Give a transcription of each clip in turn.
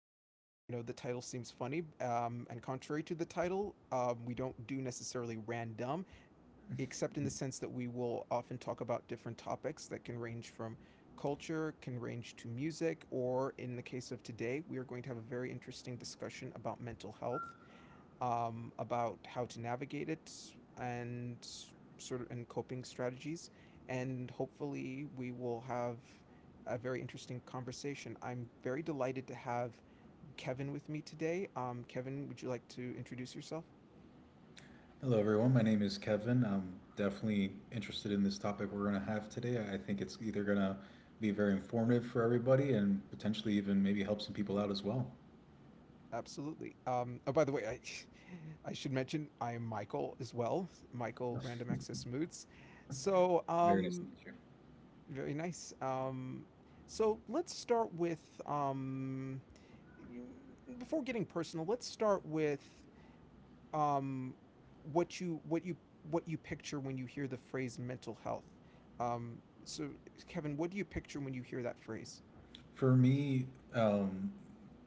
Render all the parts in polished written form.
I know the title seems funny, and contrary to the title, we don't do necessarily random, except in the sense that we will often talk about different topics that can range from culture, can range to music, or in the case of today, we are going to have a very interesting discussion about mental health, about how to navigate it and sort of, and coping strategies. And hopefully, we will have a very interesting conversation. I'm very delighted to have Kevin with me today. Kevin, would you like to introduce yourself? Hello, everyone. My name is Kevin. I'm definitely interested in this topic we're going to have today. I think it's either going to be very informative for everybody and potentially even maybe help some people out as well. Absolutely. Oh, by the way, I should mention I am Michael as well. Michael Random Access Moods. So. Very nice to meet you. Very nice. So let's start with, you, before getting personal. Let's start with, um, what you picture when you hear the phrase mental health. So, Kevin, what do you picture when you hear that phrase? For me, um,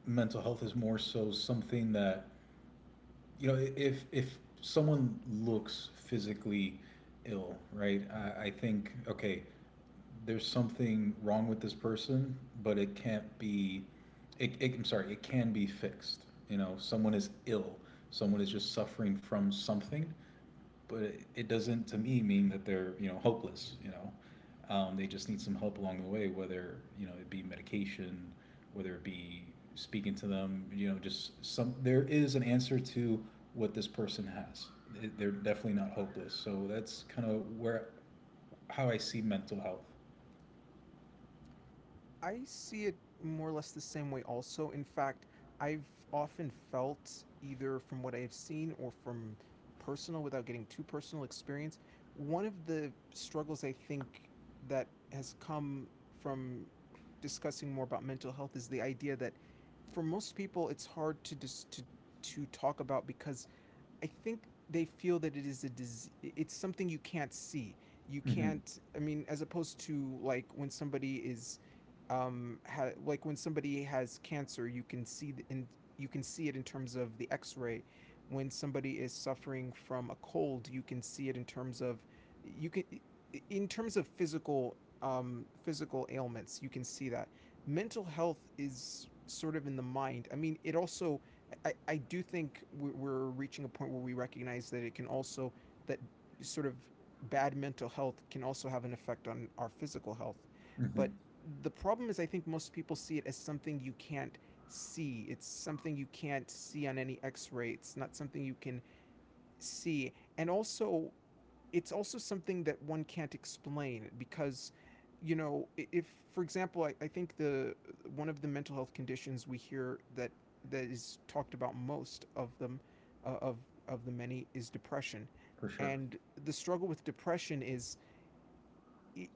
mental health is more so something that you know, if someone looks physically ill, right? I think okay, there's something wrong with this person, but it can't be. It can be fixed. You know, someone is ill. Someone is just suffering from something, but it doesn't to me mean that they're you know hopeless. You know, they just need some help along the way, whether you know it be medication, whether it be speaking to them. You know, just some there is an answer to what this person has. They- are definitely not hopeless. So that's kind of where how I see mental health. I see it more or less the same way also. In fact, I've often felt, either from what I have seen or from personal, without getting too personal, experience, one of the struggles I think that has come from discussing more about mental health is the idea that for most people it's hard to dis- to talk about, because I think they feel that it is a disease. It's something you can't see. You hmm can't. I mean, as opposed to, like when somebody has cancer, you can see and you can see it in terms of the X-ray. When somebody is suffering from a cold, you can see it you can in terms of physical ailments. You can see that mental health is sort of in the mind. I mean, it also, I do think we're reaching a point where we recognize that it can also, that sort of, bad mental health can also have an effect on our physical health. But hmm the problem is, I think most people see it as something you can't see. It's something you can't see on any X-ray. It's not something you can see. And also, it's also something that one can't explain, because, you know, if, for example, I think the one of the mental health conditions we hear that is talked about most of them uh, of of the many, is depression. For sure. And the struggle with depression is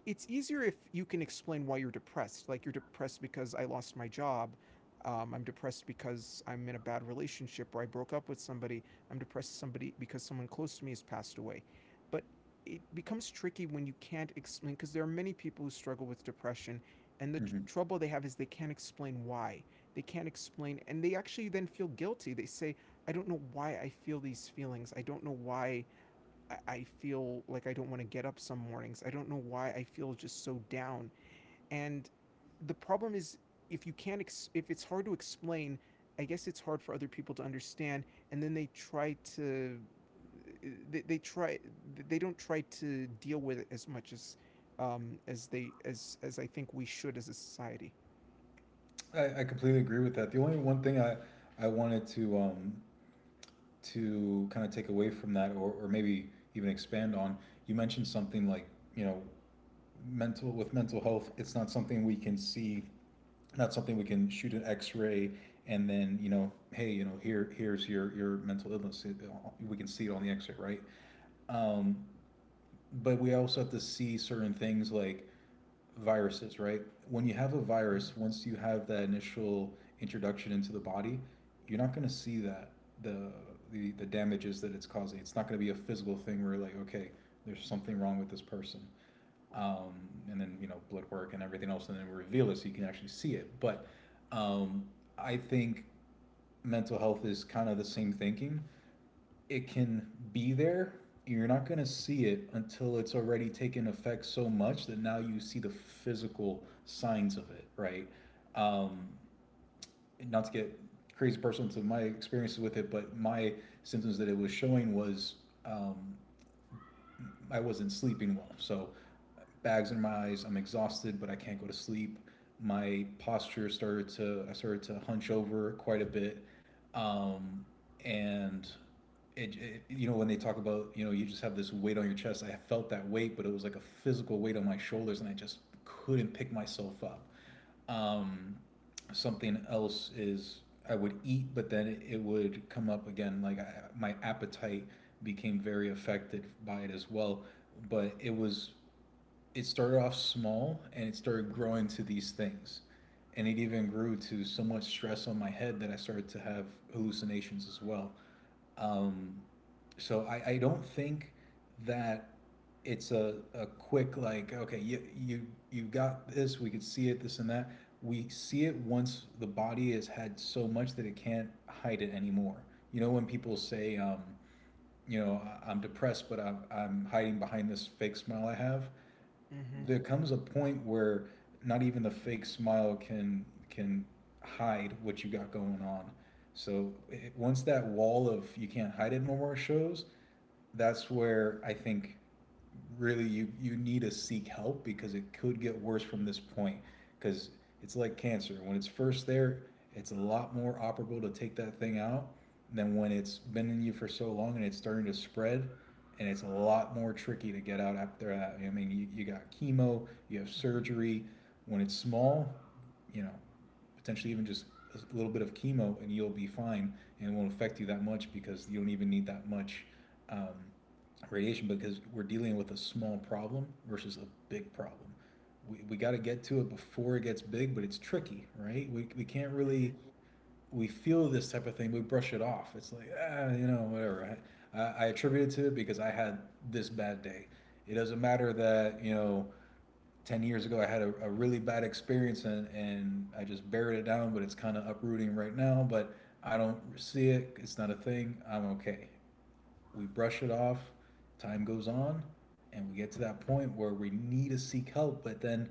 it's easier if you can explain why you're depressed. Like, you're depressed because I lost my job. I'm depressed because I'm in a bad relationship, or I broke up with somebody. I'm depressed somebody because someone close to me has passed away. But it becomes tricky when you can't explain, because there are many people who struggle with depression, and the tr- hmm trouble they have is they can't explain why. They can't explain, and they actually then feel guilty. They say, "I don't know why I feel these feelings. I don't know why I feel like I don't want to get up some mornings. I don't know why I feel just so down." And the problem is, if you can't ex- if it's hard to explain, I guess it's hard for other people to understand, and then they try to, they, they try they don't try to deal with it as much as, as they as I think we should as a society. I completely agree with that. The only one thing I wanted to kind of take away from that, or maybe even expand on, you mentioned something like you know mental with mental health, it's not something we can see, not something we can shoot an x-ray and then you know hey you know here's your mental illness, we can see it on the x-ray, right? um, but we also have to see certain things like viruses, right? When you have a virus, Mm. once you have that initial introduction into the body, you're not going to see that the, the damages that it's causing. It's not going to be a physical thing where like, okay, there's something wrong with this person, um, and then you know blood work and everything else, and then reveal it so you can actually see it. But um, I think mental health is kind of the same thinking, it can be there. You're not going to see it until it's already taken effect so much that now you see the physical signs of it, right? Um, Not to get crazy personal to my experiences with it, but my symptoms that it was showing was, um, I wasn't sleeping well. So bags in my eyes, I'm exhausted, but I can't go to sleep. My posture started to I started to hunch over quite a bit, um, and it you know when they talk about you know you just have this weight on your chest. I felt that weight, but it was like a physical weight on my shoulders, and I just couldn't pick myself up. Um, Something else is I would eat, but then it would come up again. Like my appetite became very affected by it as well. But it started off small and it started growing to these things, and it even grew to so much stress on my head that I started to have hallucinations as well. Um, so I don't think that it's a quick like okay you got this we could see it this and that, we see it once the body has had so much that it can't hide it anymore. You know, when people say, you know, "I- am depressed but I'm hiding behind this fake smile I have," Mhm. there comes a point where not even the fake smile can hide what you got going on. So once that wall of you can't hide it no more shows, that's where I think really you need to seek help because it could get worse from this point, because it's like cancer. When it's first there, it's a lot more operable to take that thing out than when it's been in you for so long and it's starting to spread, and it's a lot more tricky to get out after that. I mean, you got chemo, you have Mhm. surgery. When it's small, you know, potentially even just a little bit of chemo and you'll be fine, and it won't affect you that much because you don't even need that much, um, radiation, because we're dealing with a small problem versus a big problem. We got to get to it before it gets big, but it's tricky, right? We can't Mhm. really, we feel this type of thing, we brush it off. It's like, ah, you know, whatever. I attribute it to it because I had this bad day. It doesn't matter that, you know, 10 years ago I had a really bad experience, and I just buried it down, but it's kind of uprooting right now. But I don't see it. It's not a thing. I'm okay. We brush it off. Time goes on and we get to that point where we need to seek help. But then,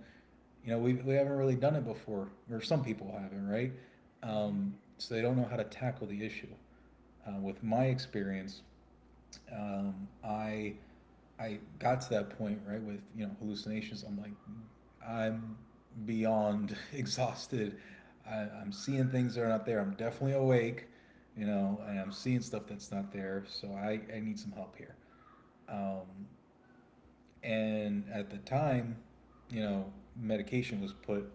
you know, we haven't really done it before, or some people haven't, right? Mhm. So they don't know how to tackle the issue. With my experience, um, I I got to that point right with you know hallucinations. I'm like, I'm beyond exhausted. I'm seeing things that are not there. I'm definitely awake, you know, and I'm seeing stuff that's not there. So I need some help here. Um, and at the time, you know, medication was put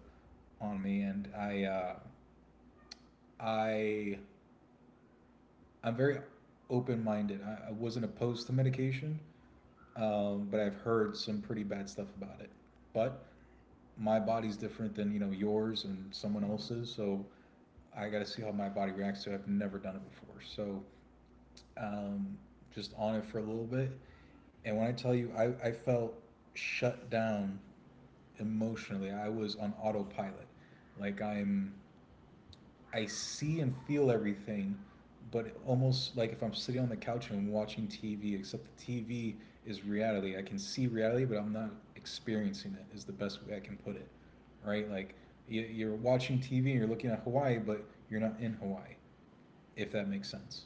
on me, and I I'm very open minded. I wasn't opposed to medication. But I've heard some pretty bad stuff about it. But my body's different than you know yours and someone Mhm. else's, so I got to see how my body reacts to. It. I've never done it before, so um, just on it for a little bit. And when I tell you, I felt shut down emotionally. I was on autopilot, like I'm I see and feel everything, but almost like if I'm sitting on the couch and watching TV, except the TV is reality. I can see reality, but I'm not experiencing it, is the best way I can put it, right? Like you- are watching TV and you're looking at Hawaii, but you're not in Hawaii, if that makes sense.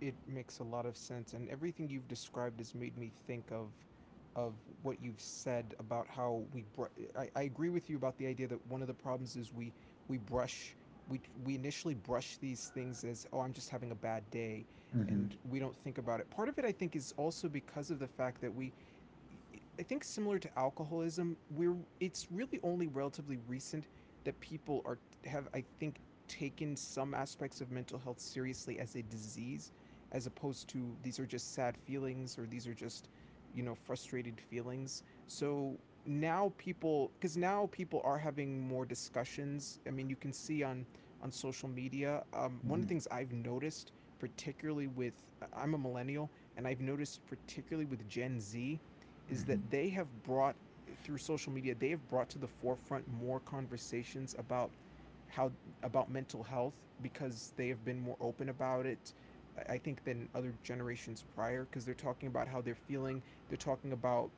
It makes a lot of sense, and everything you've described has made me think of what you've said. About how we br- I, I agree with you about the idea that one of the problems is we brush we initially brush these things as, oh, I'm just having a bad day, Mm-hmm. and we don't think about it. Part of it, I think, is also because of the fact that we, I think similar to alcoholism, we're it's really only relatively recent that people are have, I think, taken some aspects of mental health seriously as a disease, as opposed to these are just sad feelings, or these are just, you know, frustrated feelings. So now people, because now people are having more discussions. I mean, you can see on social media, one of Mm-hmm. the things I've noticed, particularly with, I'm a millennial, and I've noticed particularly with Gen Z, is Mm-hmm. that they have brought, through social media they have brought to the forefront more conversations about, how about mental health, because they have been more open about it, I think, than other generations prior, because they're talking about how they're feeling. They're talking about,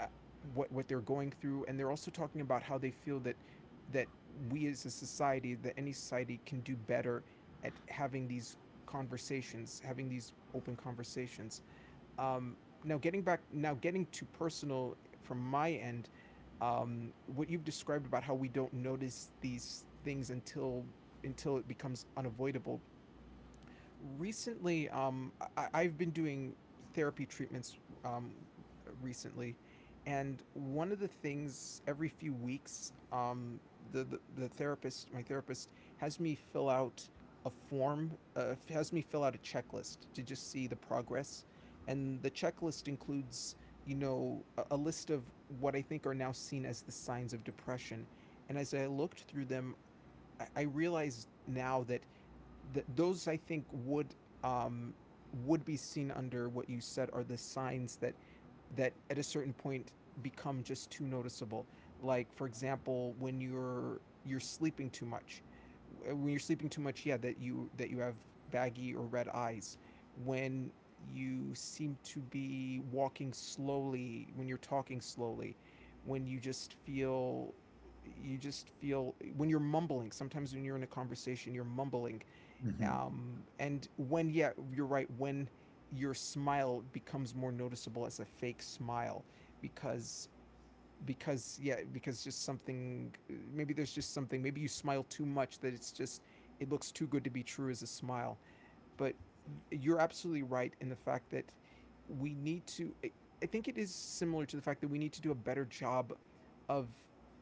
uh, what they're going through, and they're also talking about how they feel that we as a society, that any society, can do better at having these conversations, having these open conversations. um, now getting to personal, from my end, what you've described about how we don't notice these things until it becomes unavoidable, recently, I've been doing therapy treatments, um recently. And one of the things, every few weeks, the therapist my therapist has me fill out a form, has me fill out a checklist to just see the progress. And the checklist includes, you know, a list of what I think are now seen as the signs of depression, and as I looked through them, I realized now that those I think um, would be seen under what you said are the signs that, that at a certain point become just too noticeable. Like, for example, when you're sleeping too much. When you're sleeping too much, yeah, that you, that you have baggy or red eyes. When you seem to be walking slowly, when you're talking slowly, when you just feel, when you're mumbling, sometimes when you're in a conversation you're mumbling, Mm-hmm. And when, yeah, you're right, when your smile becomes more noticeable as a fake smile, because, just something, maybe there's just something, maybe you smile too much that it's just, it looks too good to be true as a smile. But you're absolutely right in the fact that we need to, I think it is similar to the fact that we need to do a better job of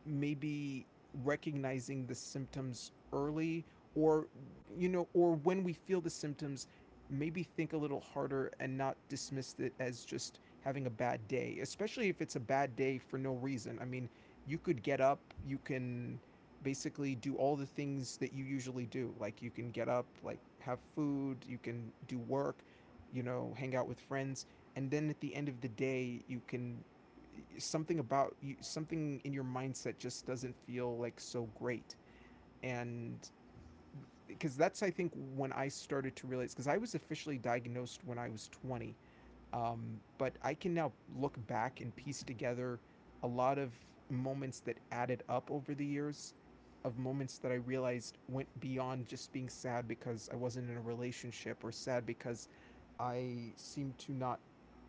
maybe recognizing the symptoms early, or, you know, or when we feel the symptoms, maybe think a little harder and not dismiss it as just having a bad day, especially if it's a bad day for no reason. I mean, you could get up, you can basically do all the things that you usually do. Like, you can get up, like have food, you can do work, you know, hang out with friends, and then at the end of the day, you can, something about you, something in your mindset just doesn't feel like so great. And, because that's, I think, when I started to realize, because I was officially diagnosed when I was 20. But I can now look back and piece together a lot of moments that added up over the years, of moments that I realized went beyond just being sad because I wasn't in a relationship, or sad because I seem to not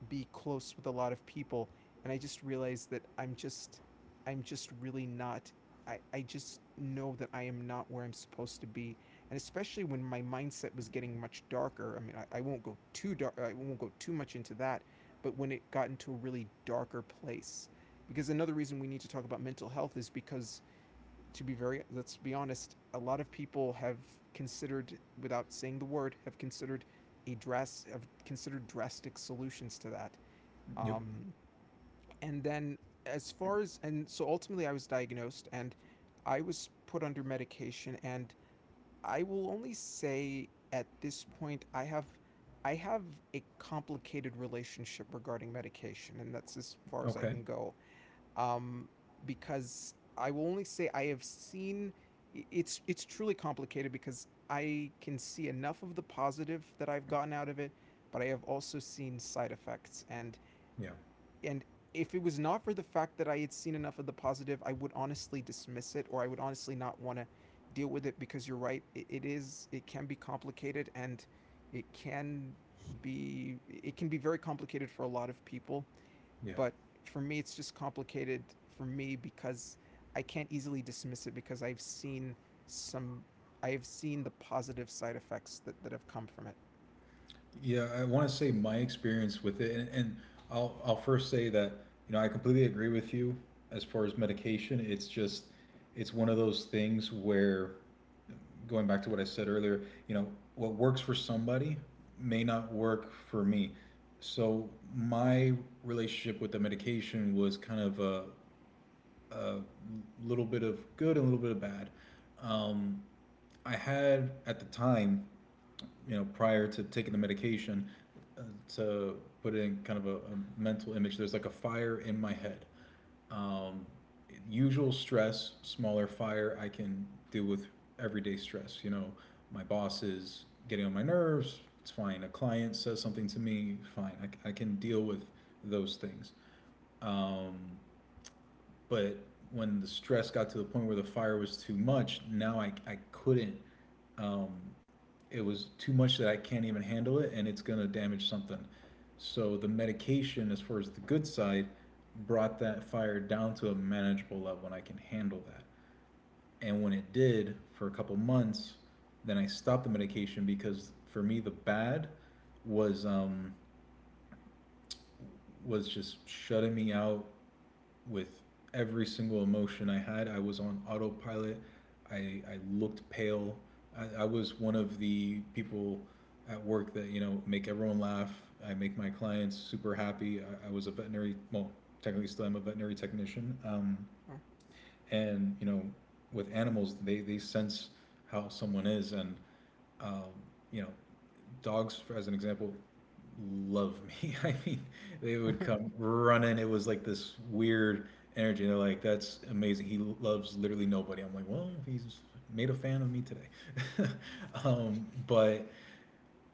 be close with a lot of people. And I just realized that I'm just really not, I just know that I am not where I'm supposed to be. And especially when my mindset was getting much darker. I mean, I won't go too dark, I won't go too much into that, but when it got into a really darker place. Because another reason we need to talk about mental health is because, to be very let's be honest, a lot of people have considered, without saying the word, have considered a dress have considered drastic solutions to that. Yep. Um, and then as far as and so Ultimately, I was diagnosed and I was put under medication, and I will only say at this point I have a complicated relationship regarding medication, and that's as far as I Okay. can go. um, because I will only say I have seen it's truly complicated because I can see enough of the positive that I've gotten out of it, but I have also seen side effects. and Yeah. and if it was not for the fact that I had seen enough of the positive, I would honestly dismiss it, or I would honestly not want to deal with it, because you're right, it is, it can be complicated, and it can be, it can be very complicated for a lot of people. Yeah. But for me, it's just complicated for me because I can't easily dismiss it, because I've seen some, I have seen the positive side effects that, that have come from it. Yeah, I want to say my experience with it, and I'll first say that you know I completely agree with you as far as medication. It's just it's one of those things where going back to what I said earlier, you know, what works for somebody may not work for me. So my relationship with the medication was kind of a little bit of good and a little bit of bad. Um, I had at the time, you know, prior to taking the medication, uh, to put in kind of a mental image, there's like a fire in my head. Um, Usual stress, smaller fire, I can deal with everyday stress. You know, my boss is getting on my nerves, it's fine. A client says something to me, fine. I can deal with those things. Um, but when the stress got to the point where the fire was too much, now I couldn't. Um, it was too much that I can't even handle it, and it's gonna damage something. So the medication, as far as the good side, brought that fire down to a manageable level, and I can handle that. And when it did for a couple months, then I stopped the medication because for me the bad was, just shutting me out with every single emotion I had. I was on autopilot. I looked pale. I was one of the people at work that, you know, make everyone laugh. I make my clients super happy. I was a veterinary, well, technically still am a veterinary technician. And you know with animals they sense how someone is, and um, you know, dogs for- as an example love me. I mean, they would come running. It was like this weird energy. They're like, that's amazing, he loves literally nobody. I'm like, well, he's made a fan of me today. But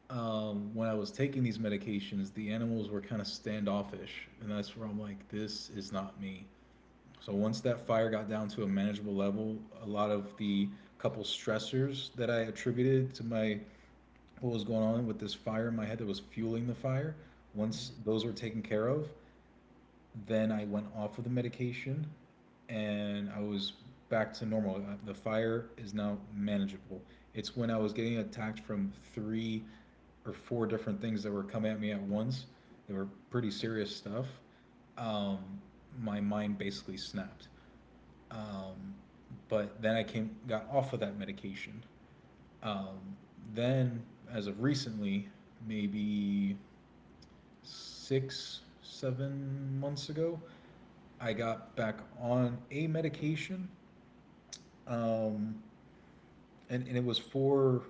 When I was taking these medications the animals were kind of standoffish, and that's where I'm like this is not me. So once that fire got down to a manageable level, a lot of the couple stressors that I attributed to my what was going on with this fire in my head that was fueling the fire, once hmm those were taken care of, then I went off of the medication and I was back to normal. The fire is now manageable. It's when I was getting attacked from three or four different things that were coming at me at once. They were pretty serious stuff. Um, my mind basically snapped. Um, but then I came got off of that medication. Um, then, as of recently, maybe 6, 7 months ago, I got back on a medication, um, and it was for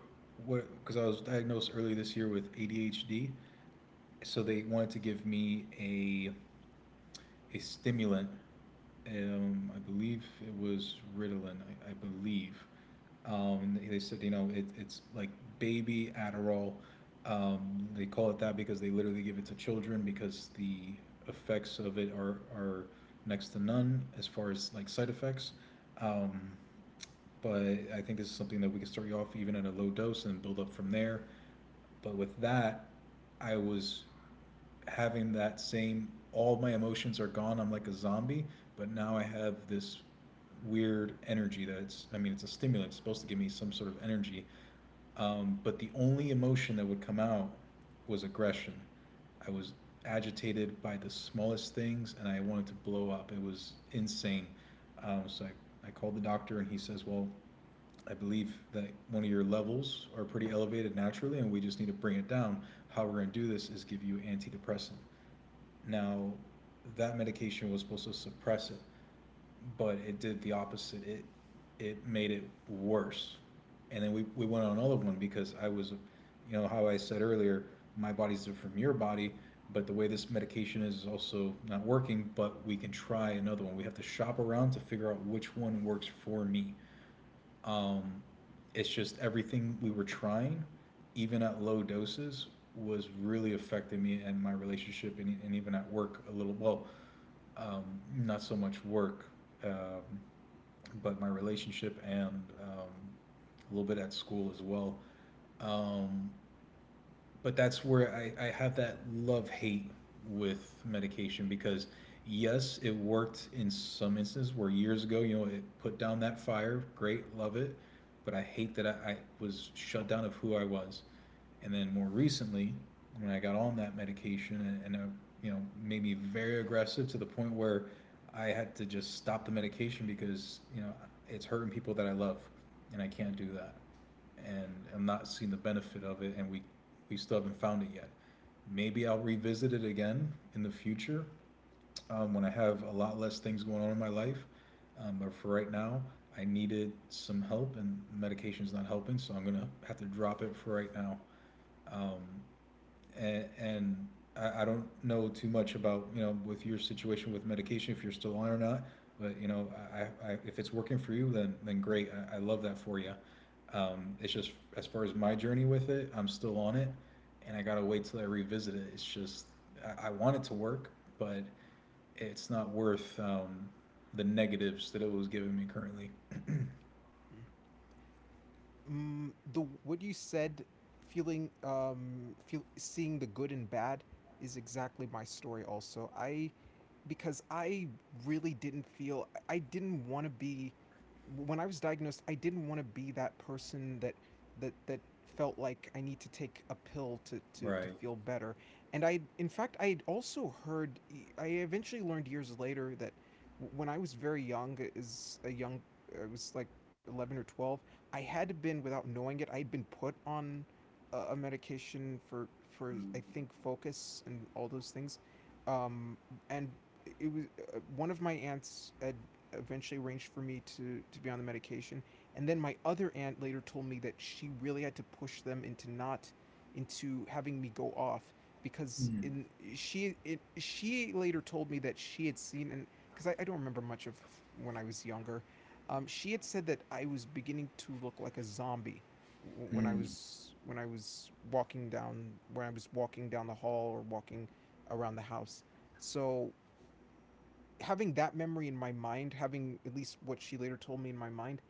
what because I was diagnosed early this year with ADHD, so they wanted to give me a stimulant. I believe it was Ritalin. I believe. They said, you know, it's like baby Adderall. They call it that because they literally give it to children because the effects of it are next to none as far as like side effects. Um, but I think this is something that we can start you off even at a low dose and build up from there. But with that, I was having that same, all my emotions are gone, I'm like a zombie, but now I have this weird energy that's. I mean, it's a stimulant, it's supposed to give me some sort of energy, but the only emotion that would come out was aggression. I was agitated by the smallest things and I wanted to blow up. It was insane. So I called the doctor and he says, well, I believe that one of your levels are pretty elevated naturally and we just need to bring it down. How we're going to do this is give you antidepressant. Now, that medication was supposed to suppress it, but it did the opposite. It made it worse. And then we went on another one because I was, you know, how I said earlier, my body's different from your body, but the way this medication is also not working, but we can try another one. We have to shop around to figure out which one works for me. Um, it's just everything we were trying, even at low doses, was really affecting me and my relationship, and even at work a little. Well, um, not so much work, um, but my relationship and um, a little bit at school as well. Um, but that's where I have that love hate with medication because yes, it worked in some instances where years ago, you know, it put down that fire. Great, love it. But I hate that I was shut down of who I was. And then more recently, when I got on that medication and you know, made me very aggressive to the point where I had to just stop the medication because, you know, it's hurting people that I love and I can't do that and I'm not seeing the benefit of it, and we still haven't found it yet. Maybe I'll revisit it again in the future, when I have a lot less things going on in my life. But for right now, I needed some help, and medication's not helping, so I'm gonna have to drop it for right now. Um, and, and I don't know too much about, you know, with your situation with medication if you're still on or not. But you know, I, I if it's working for you, then great. I love that for you. It's just as far as my journey with it, I'm still on it, and I gotta wait till I revisit it. It's just I want it to work, but it's not worth the negatives that it was giving me currently. The what you said, feeling feel seeing the good and bad, is exactly my story also. I really didn't feel, I didn't want to be, when I was diagnosed, I didn't want to be that person that that felt like I need to take a pill to to Right. feel better. And I, in fact, I had also heard, I eventually learned years later that when I was very young, as a young, I was like 11 or 12, I had, been without knowing it, I had been put on a medication for I think focus and all those things. Um and It was one of my aunts had eventually arranged for me to be on the medication, and then my other aunt later told me that she really had to push them into not, into having me go off, because Mm. in, she later told me that she had seen, and because I don't remember much of when I was younger, she had said that I was beginning to look like a zombie when I Mm. was, when I was walking down when I was walking down the hall, or walking around the house. So having that memory in my mind, having at least what she later told me in my mind,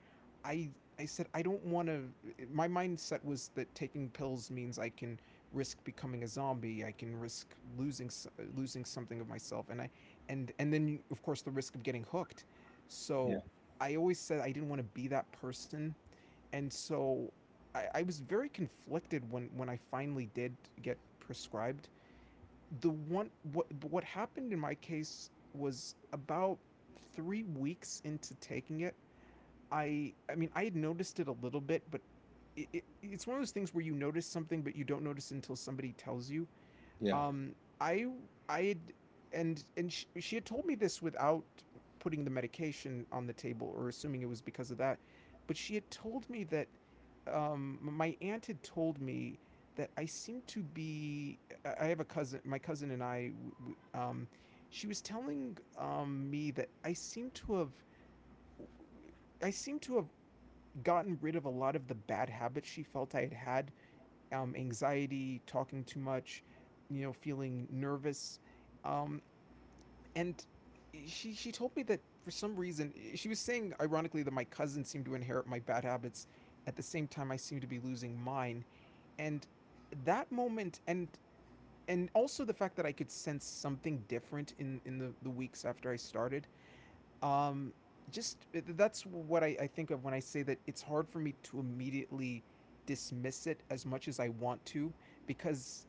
I I said I don't want to. My mindset was that taking pills means I can risk becoming a zombie, I can risk losing, losing something of myself, and I, and then of course the risk of getting hooked. Yeah. So I always said I didn't want to be that person, and so I was very conflicted when I finally did get prescribed the one. What happened in my case was about 3 weeks into taking it, I mean, I had noticed it a little bit, but it's one of those things where you notice something but you don't notice it until somebody tells you. Yeah. Um I I had, and she had told me this without putting the medication on the table or assuming it was because of that, but she had told me that, my aunt had told me that I seem to be, I have a cousin, my cousin and I, um she was telling me that I seem to have, I seem to have gotten rid of a lot of the bad habits she felt I had had. Anxiety, talking too much, you know, feeling nervous. Um, and She told me that for some reason she was saying ironically that my cousin seemed to inherit my bad habits at the same time I seemed to be losing mine. And that moment, and also the fact that I could sense something different in the weeks after I started, um just, that's what I think of when I say that it's hard for me to immediately dismiss it as much as I want to, because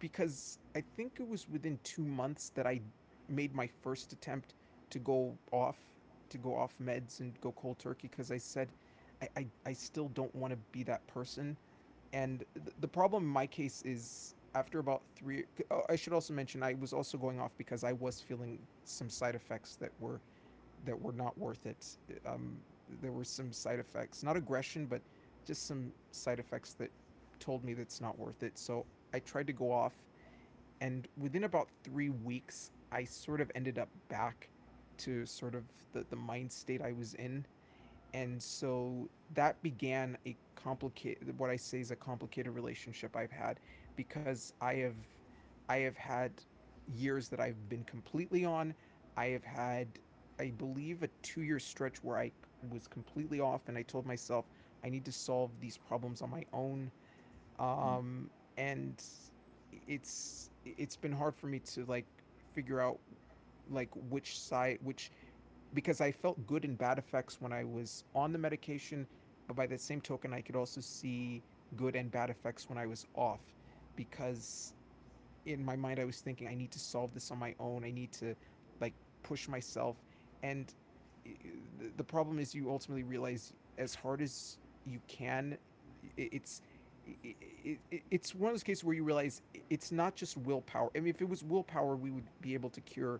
because I think it was within 2 months that I made my first attempt to go off, meds and go cold turkey, because I said I still don't want to be that person. And the problem in my case is after about three, oh, I should also mention I was also going off because I was feeling some side effects that were, that were not worth it. Um, there were some side effects, not aggression, but just some side effects that told me that's not worth it. So I tried to go off, and within about 3 weeks, I sort of ended up back to, sort of the mind state I was in. And so that began a complicated, what I say is a complicated relationship I've had, because I have had years that I've been completely on. I have had, I believe, a 2 year stretch where I was completely off, and I told myself I need to solve these problems on my own. Mm. Um, and It's been hard for me to like figure out like which side, which, because I felt good and bad effects when I was on the medication, but by the same token, I could also see good and bad effects when I was off, because in my mind I was thinking I need to solve this on my own. I need to, like, push myself, and the problem is you ultimately realize as hard as you can, it's, i- i- it's one of those cases where you realize it's not just willpower. I mean, if it was willpower, we would be able to cure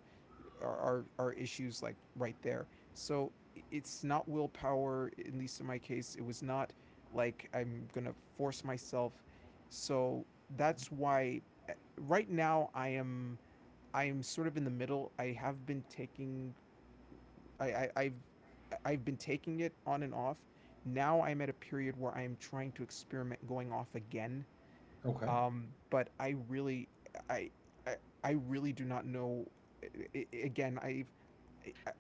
are issues like right there. So it's not willpower, at least in my case. It was not like I'm gonna force myself. So that's why, right now I am, I am sort of in the middle. I have been taking, I, I've been taking it on and off. Now I'm at a period where I am trying to experiment going off again. Okay. But I really, I I, I really do not know. eh, Again, I've,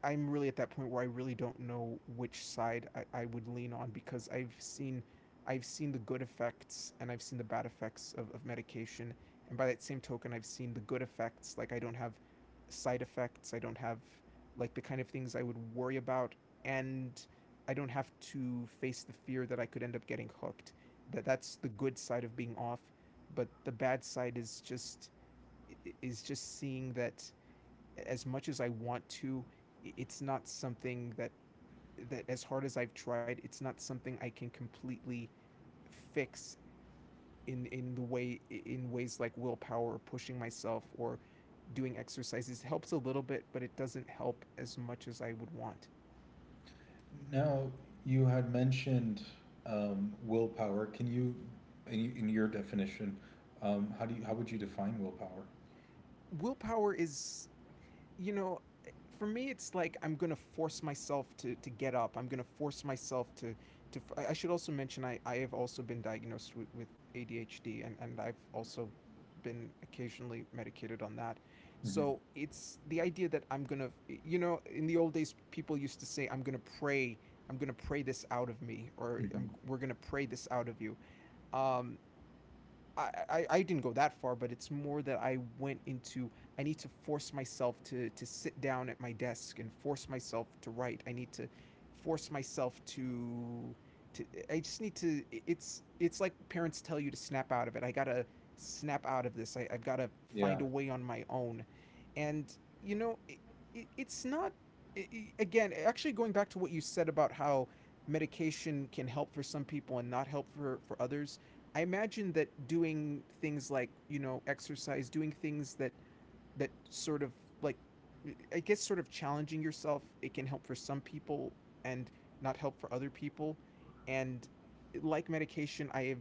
I am really at that point where I really don't know which side I would lean on, because I've seen, I've seen the good effects and I've seen the bad effects of medication. And by that same token, I've seen the good effects. Like I don't have side effects, I don't have like the kind of things I would worry about. And I don't have to face the fear that I could end up getting hooked. That, that's the good side of being off. But the bad side is just, is just seeing that as much as I want to, it's not something that, that as hard as I've tried, it's not something I can completely fix in the way, in ways like willpower or pushing myself or doing exercises. It helps a little bit, but it doesn't help as much as I would want. Now, you had mentioned willpower. Can you, in your definition, how do you, how would you define willpower? Willpower is, you know, for me it's like, I'm gonna force myself to get up, I'm gonna force myself to, I should also mention I have also been diagnosed with ADHD, and I've also been occasionally medicated on that. Hmm. So it's the idea that I'm gonna, you know, in the old days people used to say I'm gonna pray, I'm gonna pray this out of me, or Hmm. I'm, we're gonna pray this out of you. um I, I didn't go that far, but it's more that I went into I need to force myself to sit down at my desk and force myself to write. I need to force myself to, I just need to, it's like parents tell you to snap out of it. I gotta snap out of this. I, I've gotta Yeah. find a way on my own. And you know, it, it's not, i- again, actually, going back to what you said about how medication can help for some people and not help for others, I imagine that doing things like, you know, exercise, doing things that, that sort of, like, I guess sort of challenging yourself, it can help for some people and not help for other people. And like medication, I have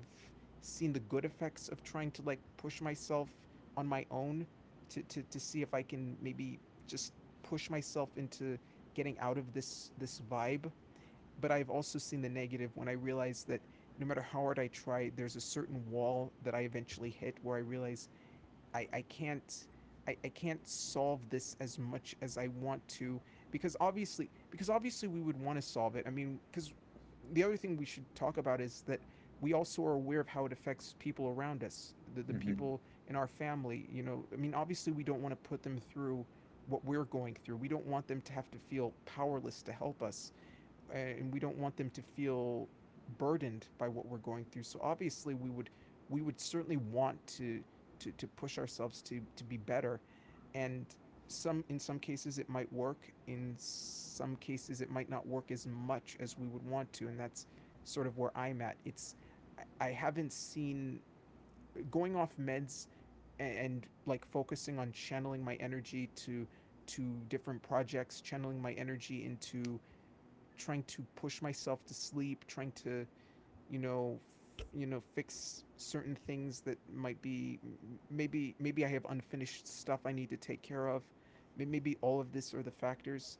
seen the good effects of trying to, like, push myself on my own to, see if I can maybe just push myself into getting out of this, this vibe. But I've also seen the negative when I realize that no matter how hard I try, there's a certain wall that I eventually hit where I realize I can't, I can't solve this as much as I want to, because obviously, because obviously we would want to solve it. I mean, because the other thing we should talk about is that we also are aware of how it affects people around us, the Hmm. people in our family. You know, I mean, obviously we don't want to put them through what we're going through. We don't want them to have to feel powerless to help us, and we don't want them to feel burdened by what we're going through. So obviously we would, we would certainly want to, to push ourselves to be better, and some, in some cases it might work, in some cases it might not work as much as we would want to, and that's sort of where I'm at. It's, I haven't seen, going off meds and like focusing on channeling my energy to different projects, channeling my energy into trying to push myself to sleep, trying to, you know, you know, fix certain things that might be, maybe, maybe I have unfinished stuff I need to take care of. Maybe all of this are the factors,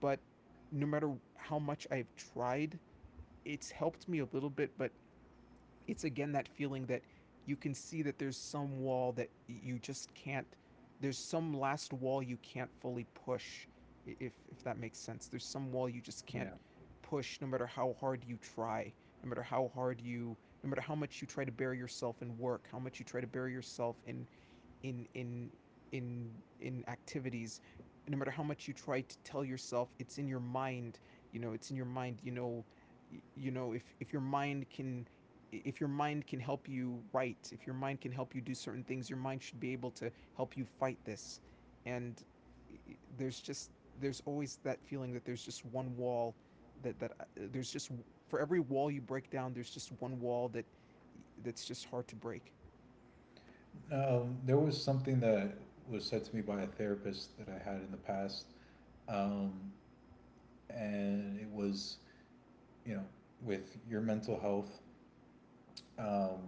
but no matter how much I've tried, it's helped me a little bit, but it's again that feeling that you can see that there's some wall that you just can't. There's some last wall you can't fully push, if that makes sense. There's some wall you just can't Yeah. push no matter how hard you try, no matter how hard you, no matter how much you try to bury yourself in work, how much you try to bury yourself in in in in activities. No matter how much you try to tell yourself it's in your mind. It's in your mind. If your mind can, if your mind can help you write, if your mind can help you do certain things, your mind should be able to help you fight this. And there's just there's always that feeling that there's just one wall that that there's just, for every wall you break down, there's just one wall that that's just hard to break. There was something that was said to me by a therapist that I had in the past, um, and it was, you know, with your mental health, um,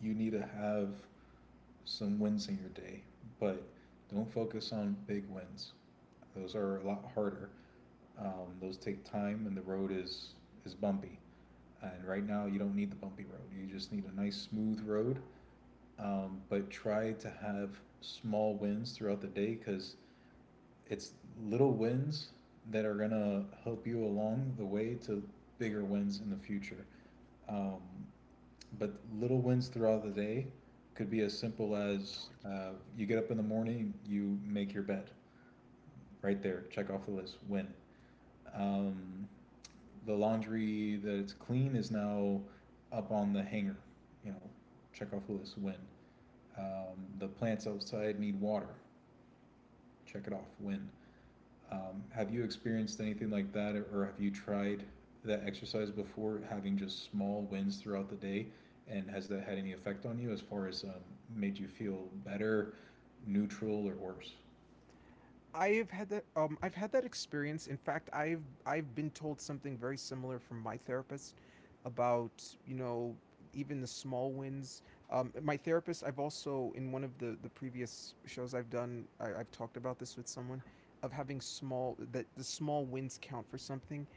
you need to have some wins in your day, but don't focus on big wins. Those are a lot harder. Those take time, and the road is bumpy. And right now, you don't need the bumpy road. You just need a nice smooth road. But try to have small wins throughout the day because it's little wins that are gonna help you along the way to bigger wins in the future. Um, but little wins throughout the day could be as simple as you get up in the morning, you make your bed. Right there, check off the list, win. Um, the laundry that it's clean is now up on the hanger. You know, check off the list. Win. The plants outside need water, check it off. Win. Have you experienced anything like that, or have you tried that exercise before, having just small wins throughout the day? And has that had any effect on you as far as made you feel better, neutral, or worse? I've had that. I've had that experience. In fact, I've been told something very similar from my therapist about, you know, even the small wins. My therapist, I've also in one of the previous shows I've done, I've talked about this with someone of having small that the small wins count for something.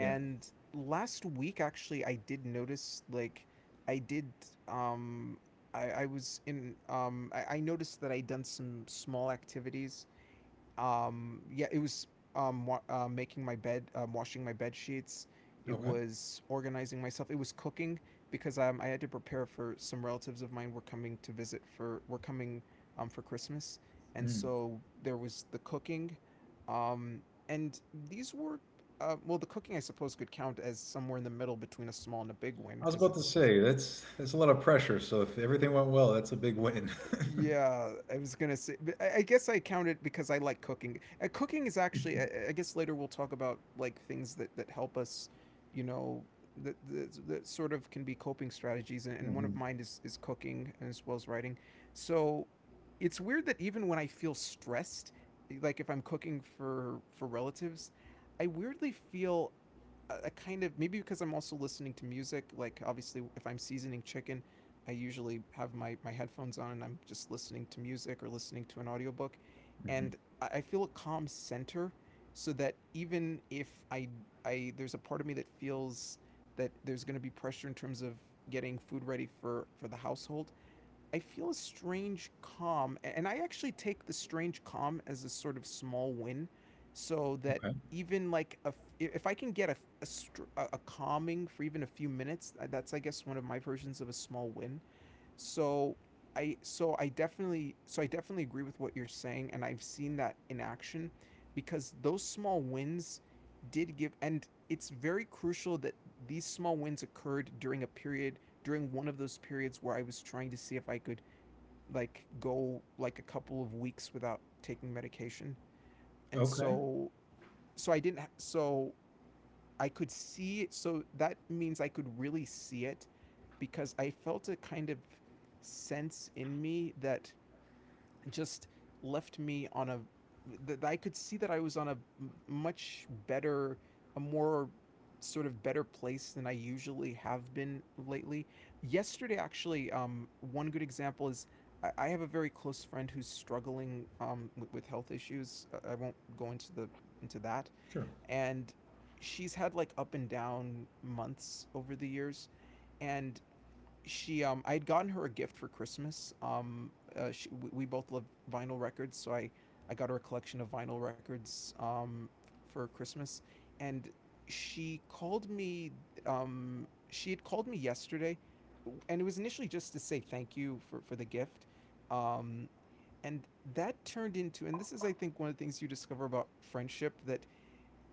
Yeah. last week actually I did notice like I did um I was in. I noticed that I done some small activities. Yeah it was, making my bed, washing my bed sheets. It Okay. was organizing myself, it was cooking, because I had to prepare for some relatives of mine were coming to visit for were coming, for Christmas. And Mm. so there was the cooking. um, and these were, well, the cooking I suppose could count as somewhere in the middle between a small and a big win, I was because about to it's… say that's a lot of pressure. So if everything went well, that's a big win. Yeah, I was gonna say, but I guess I count it because I like cooking. Cooking is actually… guess later we'll talk about like things that that help us. You know, that sort of can be coping strategies, and, one of Hmm. mine is cooking as well as writing. So it's weird that even when I feel stressed, like if I'm cooking for relatives, I weirdly feel a kind of, maybe because I'm also listening to music. Like obviously, if I'm seasoning chicken, I usually have my, my headphones on and I'm just listening to music or listening to an audiobook. And Mhm. I feel a calm center, so that even if I, I there's a part of me that feels that there's going to be pressure in terms of getting food ready for the household, I feel a strange calm. And I actually take the strange calm as a sort of small win, so that Okay. even like a if I can get a calming for even a few minutes, that's I guess one of my versions of a small win. So I definitely agree with what you're saying, and I've seen that in action because those small wins did give, and it's very crucial that these small wins occurred during a period, during one of those periods where I was trying to see if I could like go like a couple of weeks without taking medication. And Okay. so I didn't so I could see it. So that means I could really see it, because I felt a kind of sense in me that just left me on a that I could see that I was on a much better, a more sort of better place than I usually have been lately. Yesterday actually, one good example is, I have a very close friend who's struggling, with health issues. I won't go into the into that. Sure. And she's had like up and down months over the years. And she I had gotten her a gift for Christmas. She, we, both love vinyl records, so I got her a collection of vinyl records, for Christmas. And she called me. She had called me yesterday, and it was initially just to say thank you for the gift. um and that turned into, and this is I think one of the things you discover about friendship, that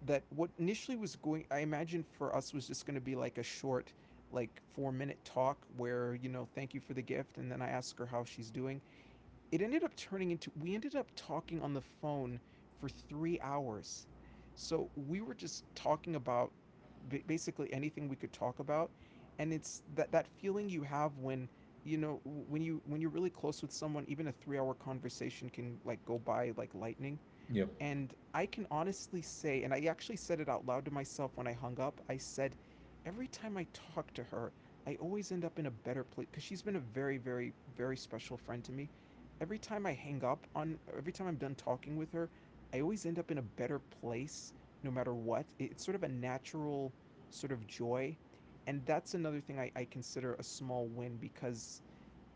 that what initially was going, I imagine for us, was just going to be like a short like 4-minute talk where, you know, thank you for the gift and then I ask her how she's doing. It ended up turning into, we ended up talking on the phone for 3 hours. So we were just talking about basically anything we could talk about. And it's that that feeling you have when, you know, when you're really close with someone, even a 3-hour conversation can like go by like lightning. Yep. And I can honestly say, and I actually said it out loud to myself when I hung up, I said, every time I talk to her, I always end up in a better place, because she's been a very, very, very special friend to me. Every time I hang every time I'm done talking with her, I always end up in a better place, no matter what. It's sort of a natural sort of joy. And that's another thing I consider a small win, because,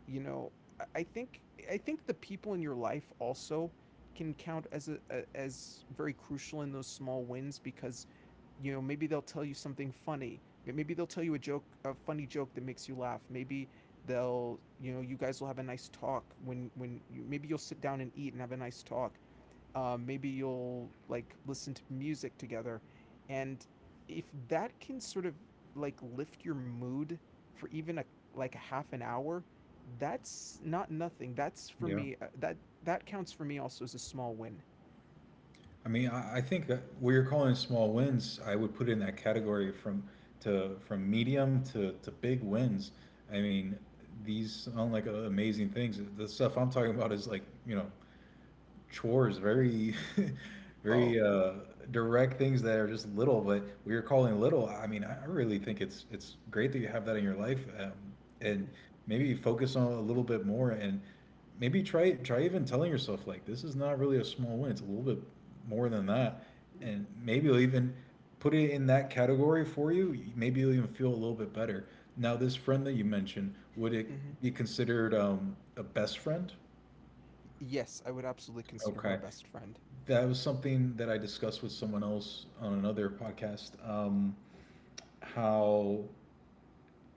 you know, think I think the people in your life also can count as a as very crucial in those small wins, because, you know, maybe they'll tell you something funny, maybe they'll tell you a joke, a funny joke that makes you laugh, maybe they'll, you know, you guys will have a nice talk when you, maybe you'll sit down and eat and have a nice talk, maybe you'll like listen to music together. And if that can sort of like lift your mood for even a like a half an hour, that's not nothing. That's for Yeah. me, that that counts for me also as a small win. I mean, I think that where you're calling small wins, I would put in that category from to from medium to big wins. I mean, these sound like amazing things. The stuff I'm talking about is like, you know, chores, very, Oh. very direct things that are just little, but we are calling little. I mean, I really think it's great that you have that in your life, and Mm-hmm. maybe focus on it a little bit more, and maybe try even telling yourself like this is not really a small win. It's a little bit more than that, and maybe you'll even put it in that category for you. Maybe you'll even feel a little bit better. Now, this friend that you mentioned, would it Mm-hmm. be considered a best friend? Yes, I would absolutely consider her a Okay. best friend. That was something that I discussed with someone else on another podcast. How,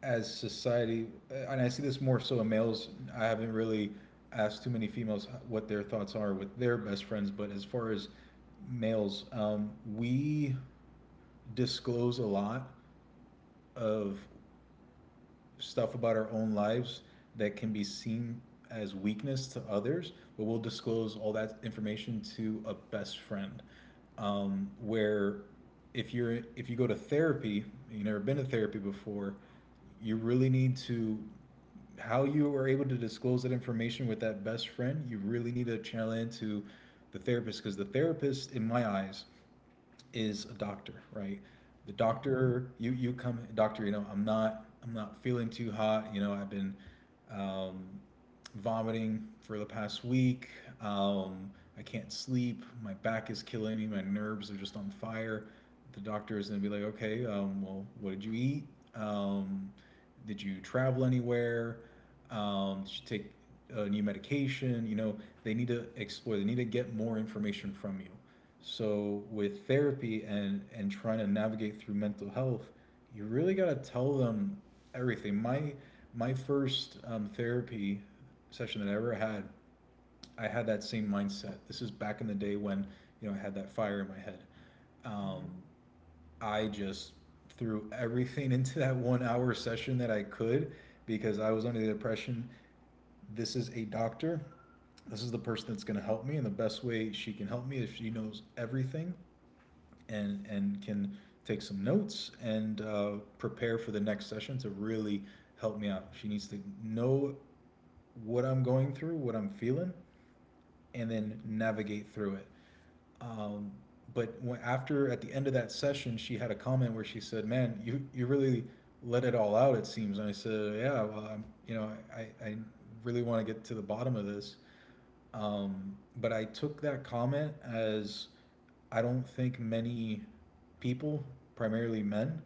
as society, and I see this more so in males, I haven't really asked too many females what their thoughts are with their best friends, but as far as males, we disclose a lot of stuff about our own lives that can be seen as weakness to others, but we'll disclose all that information to a best friend. Where if you go to therapy, you've never been to therapy before, you really need to how you are able to disclose that information with that best friend, you really need to channel into the therapist because the therapist, in my eyes, is a doctor, right? The Mm-hmm. doctor, you come, doctor, you know, I'm not feeling too hot. You know, I've been um, vomiting for the past week. Um, I can't sleep. My back is killing me. My nerves are just on fire. The doctor is gonna be like, okay, well, what did you eat? Um, did you travel anywhere? Did you take a new medication? You know, they need to explore. They need to get more information from you. So with therapy and trying to navigate through mental health, you really got to tell them everything. My first therapy session that I ever had, I had that same mindset. This is back in the day when you know I had that fire in my head. Um, Mm-hmm. I just threw everything into that 1 hour session that I could because I was under the impression this is a doctor. This is the person that's going to help me, and the best way she can help me is she knows everything and can take some notes and prepare for the next session to really help me out. She needs to know what I'm going through, what I'm feeling, and then navigate through it. Um, but when, after at the end of that session, she had a comment where she said, "Man, you really let it all out. It seems." And I said, "Yeah, well, I'm, you know, I really want to get to the bottom of this." Um, but I took that comment as I don't think many people, primarily men,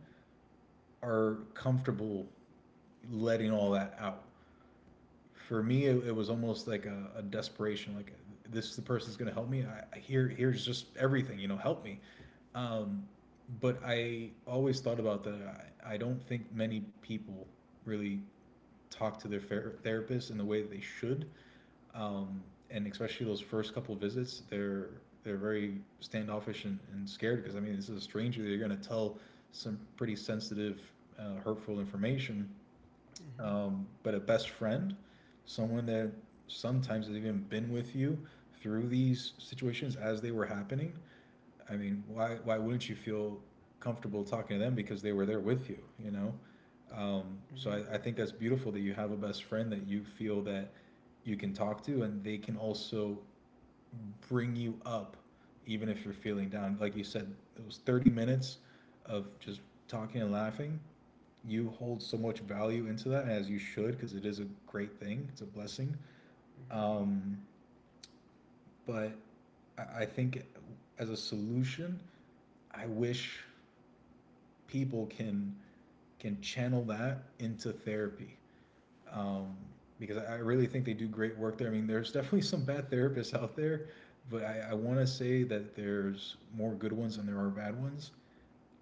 are comfortable letting all that out. For me, it was almost like a desperation, like this is the person that's going to help me. Here's just everything, you know, help me. Um, but I always thought about that. I don't think many people really talk to their therapist in the way that they should, um, and especially those first couple of visits, they're very standoffish and scared because I mean this is a stranger. They're going to tell some pretty sensitive, hurtful information, Mm-hmm. But a best friend, someone that sometimes has even been with you through these situations as they were happening. I mean, why wouldn't you feel comfortable talking to them because they were there with you, you know? So Mm-hmm. I think that's beautiful that you have a best friend that you feel that you can talk to and they can also bring you up even if you're feeling down. Like you said, it was 30 minutes of just talking and laughing. You hold so much value into that, as you should, because it is a great thing. It's a blessing. Mm-hmm. um, but I think as a solution, I wish people can channel that into therapy, um, because I really think they do great work there. I mean, there's definitely some bad therapists out there, but I want to say that there's more good ones than there are bad ones.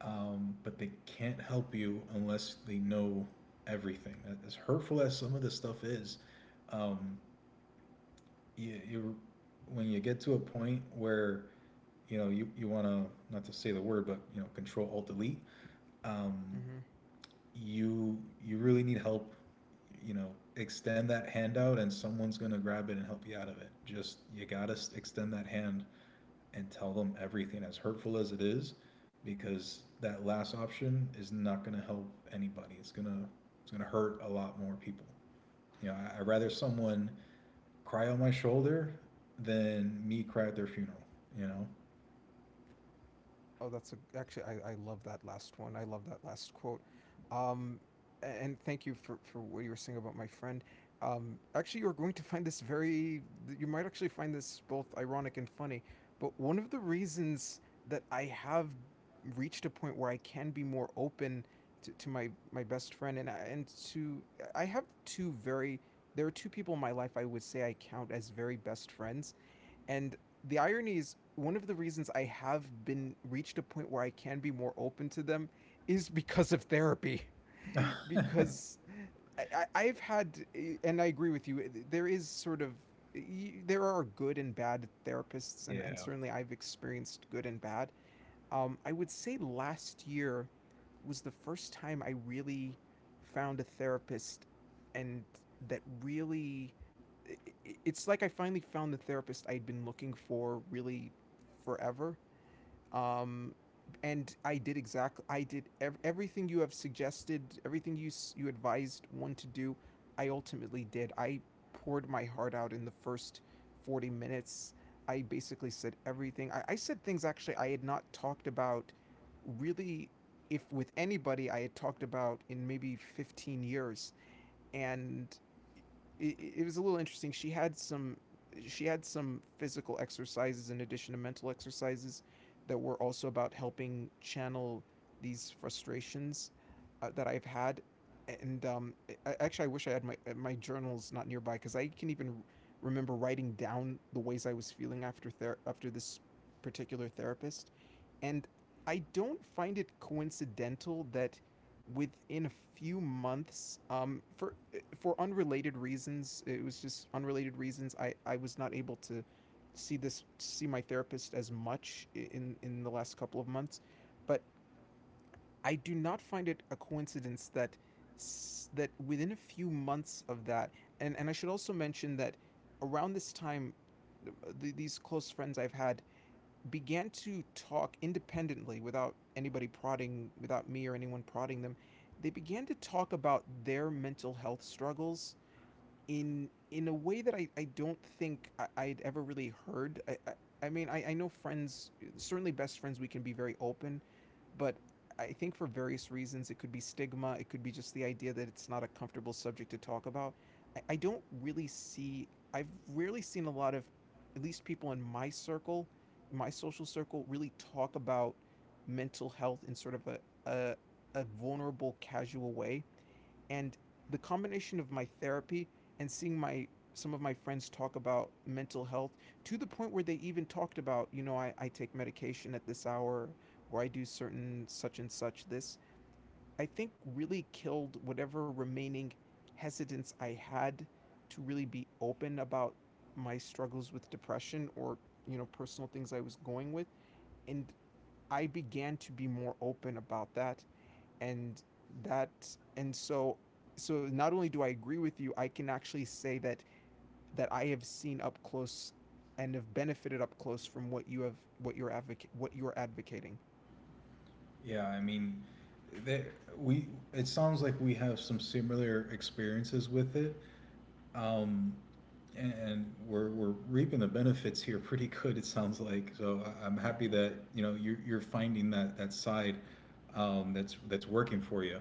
But they can't help you unless they know everything. As hurtful as some of this stuff is, um, you, when you get to a point where you know you want to, not to say the word, but you know, control alt delete, um, Mm-hmm. you you really need help. You know, extend that hand out, and someone's gonna grab it and help you out of it. Just, you gotta extend that hand and tell them everything, as hurtful as it is, because that last option is not going to help anybody. It's gonna hurt a lot more people. You know, I'd rather someone cry on my shoulder than me cry at their funeral. You know. Oh, that's a, actually I love that last one. I love that last quote. Um, and thank you for what you were saying about my friend. Actually, you're going to find this You might actually find this both ironic and funny. But one of the reasons that I have reached a point where I can be more open to my my best friend and and to, I have two very, there are two people in my life I would say I count as very best friends. And the irony is, one of the reasons I have been reached a point where I can be more open to them is because of therapy. Because have had, and I agree with you, there is sort of, there are good and bad therapists, and Yeah. certainly I've experienced good and bad. I would say last year was the first time I really found a therapist, and that really i- it's like I finally found the therapist I'd been looking for, really, forever. um, and I did I did everything you have suggested, everything you advised one to do. I ultimately did. I poured my heart out in the first 40 minutes. I basically said everything. I said things, actually, I had not talked about really if with anybody, I had talked about in maybe 15 years. And it was a little interesting. She had some physical exercises in addition to mental exercises that were also about helping channel these frustrations, that I've had. And I, actually, I wish I had my, my journals not nearby, because I can even remember writing down the ways I was feeling after after this particular therapist. And I don't find it coincidental that within a few months, for unrelated reasons, it was just unrelated reasons. I was not able to see this see my therapist as much in the last couple of months. But I do not find it a coincidence that within a few months of that, and I should also mention that around this time th- these close friends I've had began to talk independently without anybody prodding, without me or anyone prodding them. They began to talk about their mental health struggles in a way that I don't think I'd ever really heard. I mean, I know friends, certainly best friends, we can be very open, but I think for various reasons, it could be stigma, it could be just the idea that it's not a comfortable subject to talk about. I don't really I've rarely seen a lot of, at least people in my circle, my social circle, really talk about mental health in sort of a, a vulnerable, casual way, and the combination of my therapy and seeing my some of my friends talk about mental health to the point where they even talked about, I take medication at this hour or I do certain such and such this. I think really killed whatever remaining hesitance I had to really be open about my struggles with depression or personal things I was going with. And I began to be more open about that and that and so so Not only do I agree with you, I can actually say that I have seen up close and have benefited up close from what you have what you're advocate what you're advocating. Yeah, I mean, there, we. it sounds like we have some similar experiences with it. Um, and we're reaping the benefits here pretty good, it sounds like. So I'm happy Mm-hmm, that, you know, you're finding that side that's working for you.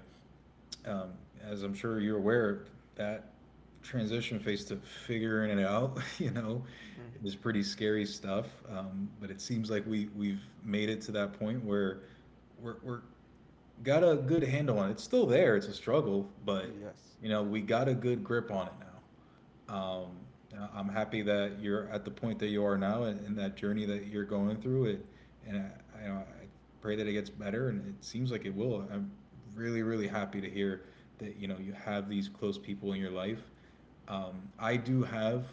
Um, as I'm sure you're aware, that transition phase to figuring it out, you know, is mm-hmm. pretty scary stuff. But it seems like we've made it to that point where we're got a good handle on it. It's still there. It's a struggle, but Yes. you know, we got a good grip on it now. um, I'm happy that you're at the point that you are now, and that journey that you're going through it. And I, you know, I pray that it gets better, and it seems like it will. I'm really, really happy to hear that you know you have these close people in your life. Um, I do have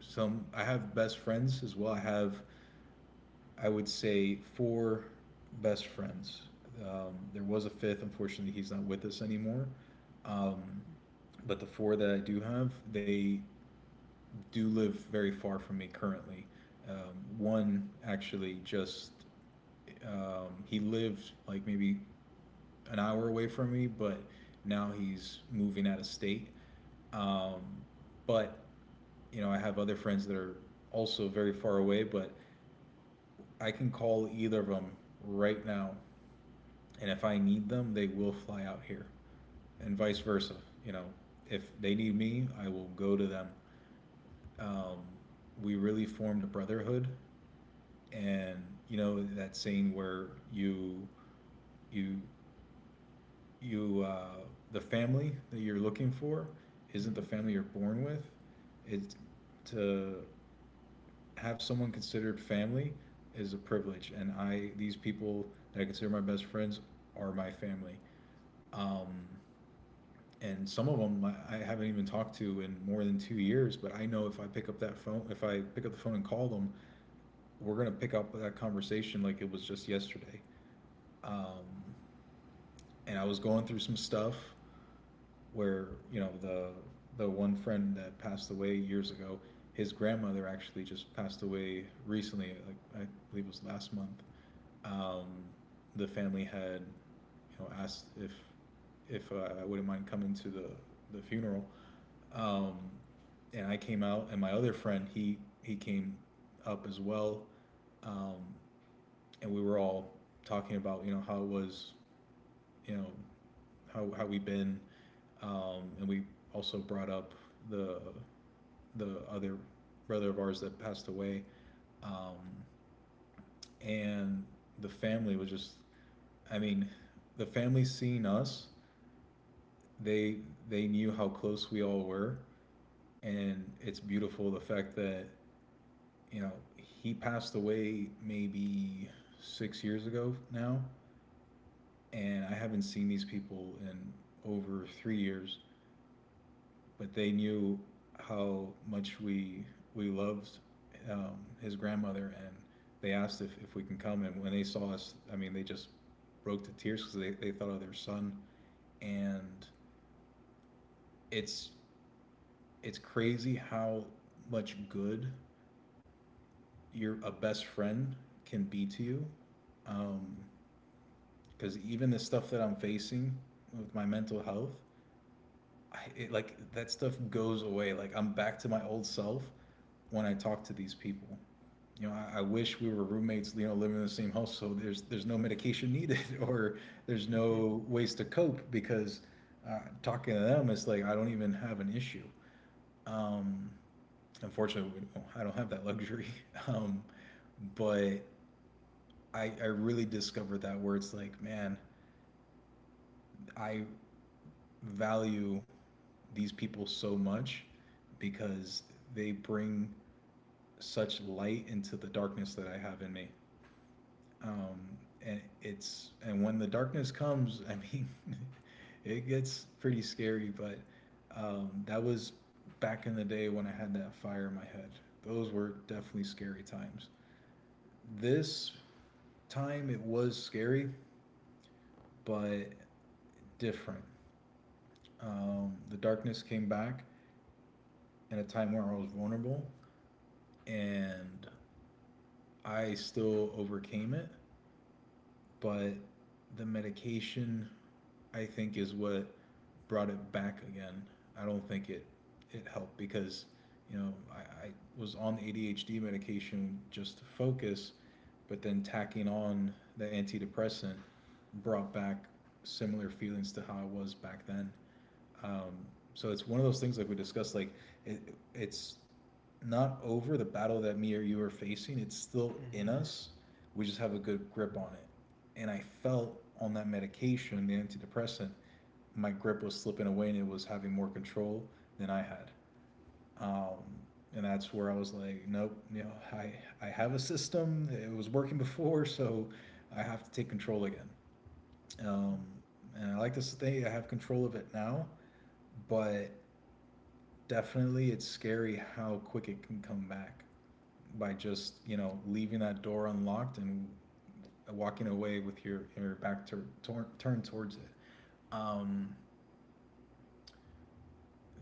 some. I have best friends as well. I have, I would say, four best friends. There was a fifth. Unfortunately, he's not with us anymore. Um, but the four that I do have, they do live very far from me currently. One actually just he lived like maybe an hour away from me, but now he's moving out of state. Um, but you know, I have other friends that are also very far away, but I can call either of them right now, and if I need them, they will fly out here, and vice versa. You know, if they need me, I will go to them. Um, we really formed a brotherhood. And you know that scene where you you you the family that you're looking for isn't Mm-hmm, the family you're born with. It's to have someone considered family is a privilege, and i, these people that I consider my best friends are my family. um, and some of them I haven't even talked to in more than 2 years, but I know if I pick up that phone, if I pick up the phone and call them, we're going to pick up that conversation like it was just yesterday. um, and I was going through some stuff where you know the one friend that passed away years ago, his grandmother actually just passed away recently. Like, I believe it was last month. Um, the family had, you know, asked if I wouldn't mind coming to the funeral, um, and I came out, and my other friend, he came up as well, um, and we were all talking about, you know, how it was, you know, how we've been, and we also brought up the the other brother of ours that passed away, um, and the family was just. I mean, the family seeing us, they they knew how close we all were, and it's beautiful the fact that you know he passed away maybe 6 years ago now, and I haven't seen these people in over 3 years, but they knew how much we loved, um, his grandmother, and they asked if we can come. And when they saw us, I mean, they just broke to tears because they thought of their son. And it's it's crazy how much good your a best friend can be to you. Because even the stuff that I'm facing with my mental health, like, that stuff goes away. Like, I'm back to my old self when I talk to these people. You know, I wish we were roommates, you know, living in the same house. So there's no medication needed, or there's mm-hmm, no ways to cope because talking to them, it's like I don't even have an issue. Um, Unfortunately, I don't have that luxury. Um, but I really discovered that where it's like, man, I value these people so much because they bring such light into the darkness that I have in me. Um, and it's and when the darkness comes, I mean, it gets pretty scary. But that was back in the day when I had that fire in my head. Those were definitely scary times. This time it was scary, but different. The darkness came back in a time where I was vulnerable, and I still overcame it, but the medication, I think, is what brought it back again. I don't think it helped because you know I was on ADHD medication just to focus, but then tacking on the antidepressant brought back similar feelings to how I was back then. Um, so it's one of those things like we discussed. Like it, it's not over. The battle that me or you are facing, it's still in mm-hmm, us. We just have a good grip on it. And I felt on that medication, the antidepressant, my grip was slipping away, and it was having more control than I had. Um, and that's where I was like, nope, you know, I have a system. It was working before, so I have to take control again. Um, and I like to say I have control of it now, but definitely it's scary how quick it can come back by just you know leaving that door unlocked and walking away with your back to turned towards it. Um,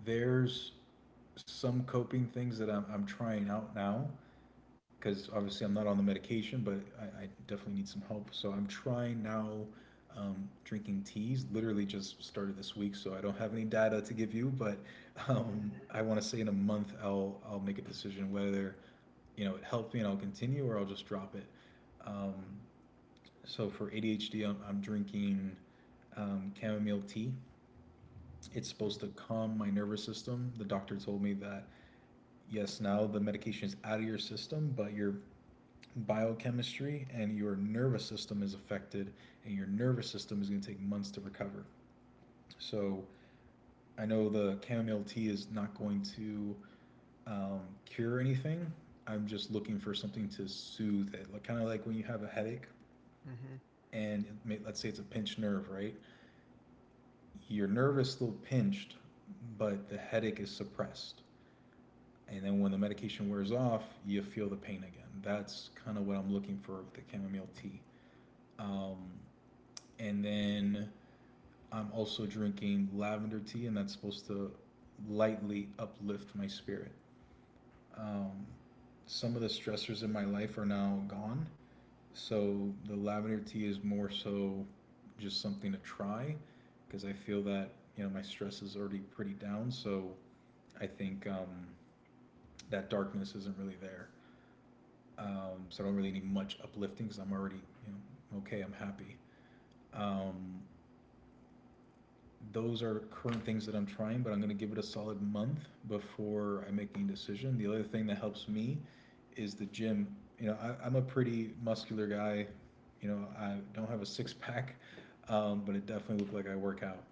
there's some coping things that I'm trying out now because obviously I'm not on the medication, but I definitely need some help. So I'm trying now, drinking teas. Literally just started this week, so I don't have any data to give you. But mm-hmm, I want to say in a month I'll make a decision whether you know it helped me and I'll continue, or I'll just drop it. Um, so for ADHD, I'm drinking chamomile tea. It's supposed to calm my nervous system. The doctor told me that yes, now the medication is out of your system, but your biochemistry and your nervous system is affected, and your nervous system is going to take months to recover. So I know the chamomile tea is not going to, um, cure anything. I'm just looking for something to soothe it, like kind of like when you have a headache, mm-hmm, and it may, let's say it's a pinched nerve, right? Your nerve is still pinched, but the headache is suppressed, and then when the medication wears off, you feel the pain again. That's kind of what I'm looking for with the chamomile tea. um, and then I'm also drinking lavender tea, and that's supposed to lightly uplift my spirit. Um, some of the stressors in my life are now gone, so the lavender tea is more so just something to try, because I feel that you know my stress is already pretty down, so I think that darkness isn't really there. So I don't really need much uplifting because I'm already, you know, okay, I'm happy. Um, those are current things that I'm trying, but I'm going to give it a solid month before I make any decision. The other thing that helps me is the gym. You know, I'm a pretty muscular guy. You know, I don't have a six pack, but it definitely looks like I work out.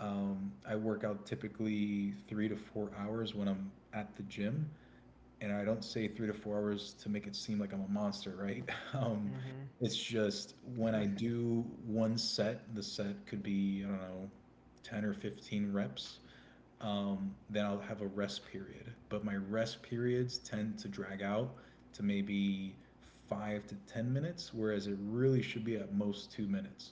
I work out typically 3 to 4 hours when I'm at the gym, and I don't say 3 to 4 hours to make it seem like I'm a monster, right? Um, mm-hmm, it's just when mm-hmm. I do one set, the set could be, I don't know, 10 or 15 reps, then I'll have a rest period. But my rest periods tend to drag out to maybe 5 to 10 minutes, whereas it really should be at most 2 minutes.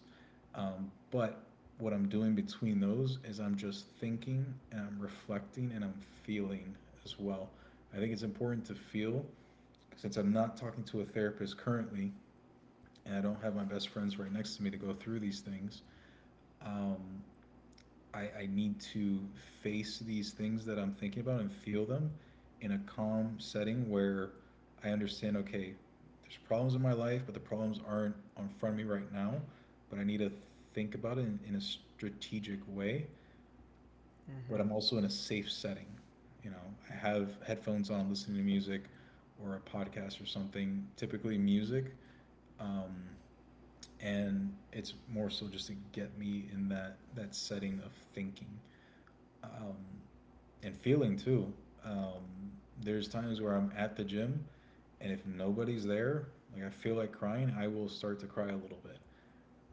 But what I'm doing between those is I'm just thinking, and I'm reflecting, and I'm feeling as well. I think it's important to feel, since I'm not talking to a therapist currently and I don't have my best friends right next to me to go through these things. Um, I need to face these things that I'm thinking about and feel them in a calm setting where I understand, okay, there's problems in my life, but the problems aren't in front of me right now. But I need to think about it in a strategic way. But Mm-hmm. I'm also in a safe setting. You know, I have headphones on listening to music or a podcast or something, typically music. Um, and it's more so just to get me in that setting of thinking. Um, and feeling too. Um, there's times where I'm at the gym, and if nobody's there, like I feel like crying, I will start to cry a little bit.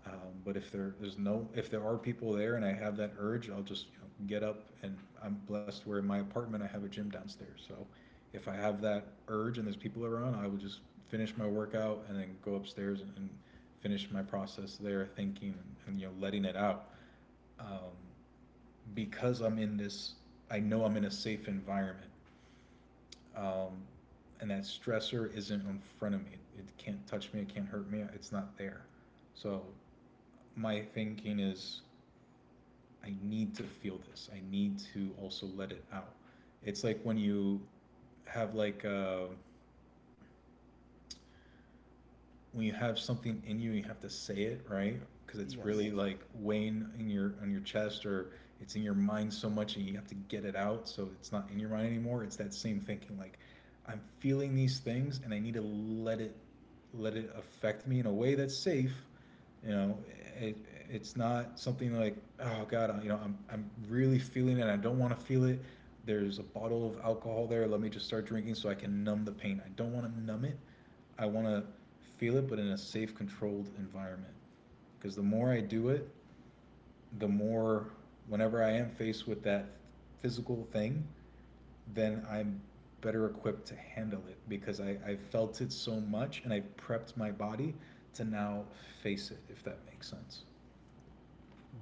But if there are people there and I have that urge, I'll just, get up. And I'm blessed where in my apartment I have a gym downstairs. So if I have that urge and there's people around, I will just finish my workout and then go upstairs and finish my process there, thinking and, letting it out. Um, because I'm in this, I know I'm in a safe environment, um, and that stressor isn't in front of me. It can't touch me. It can't hurt me. It's not there. So my thinking is, I need to feel this. I need to also let it out. It's like have like a when you have something in you, you have to say it, right? Because it's Yes. really like weighing in your on your chest, or it's in your mind so much, and you have to get it out. So it's not in your mind anymore. It's that same thinking, like I'm feeling these things, and I need to let it affect me in a way that's safe. You know, it, it's not something like, oh god, I'm really feeling it. And I don't want to feel it. There's a bottle of alcohol there. Let me just start drinking so I can numb the pain. I don't want to numb it. I want to feel it, but in a safe, controlled environment. Because the more I do it, the more, whenever I am faced with that physical thing, then I'm better equipped to handle it because I have felt it so much and I have prepped my body to now face it, if that makes sense.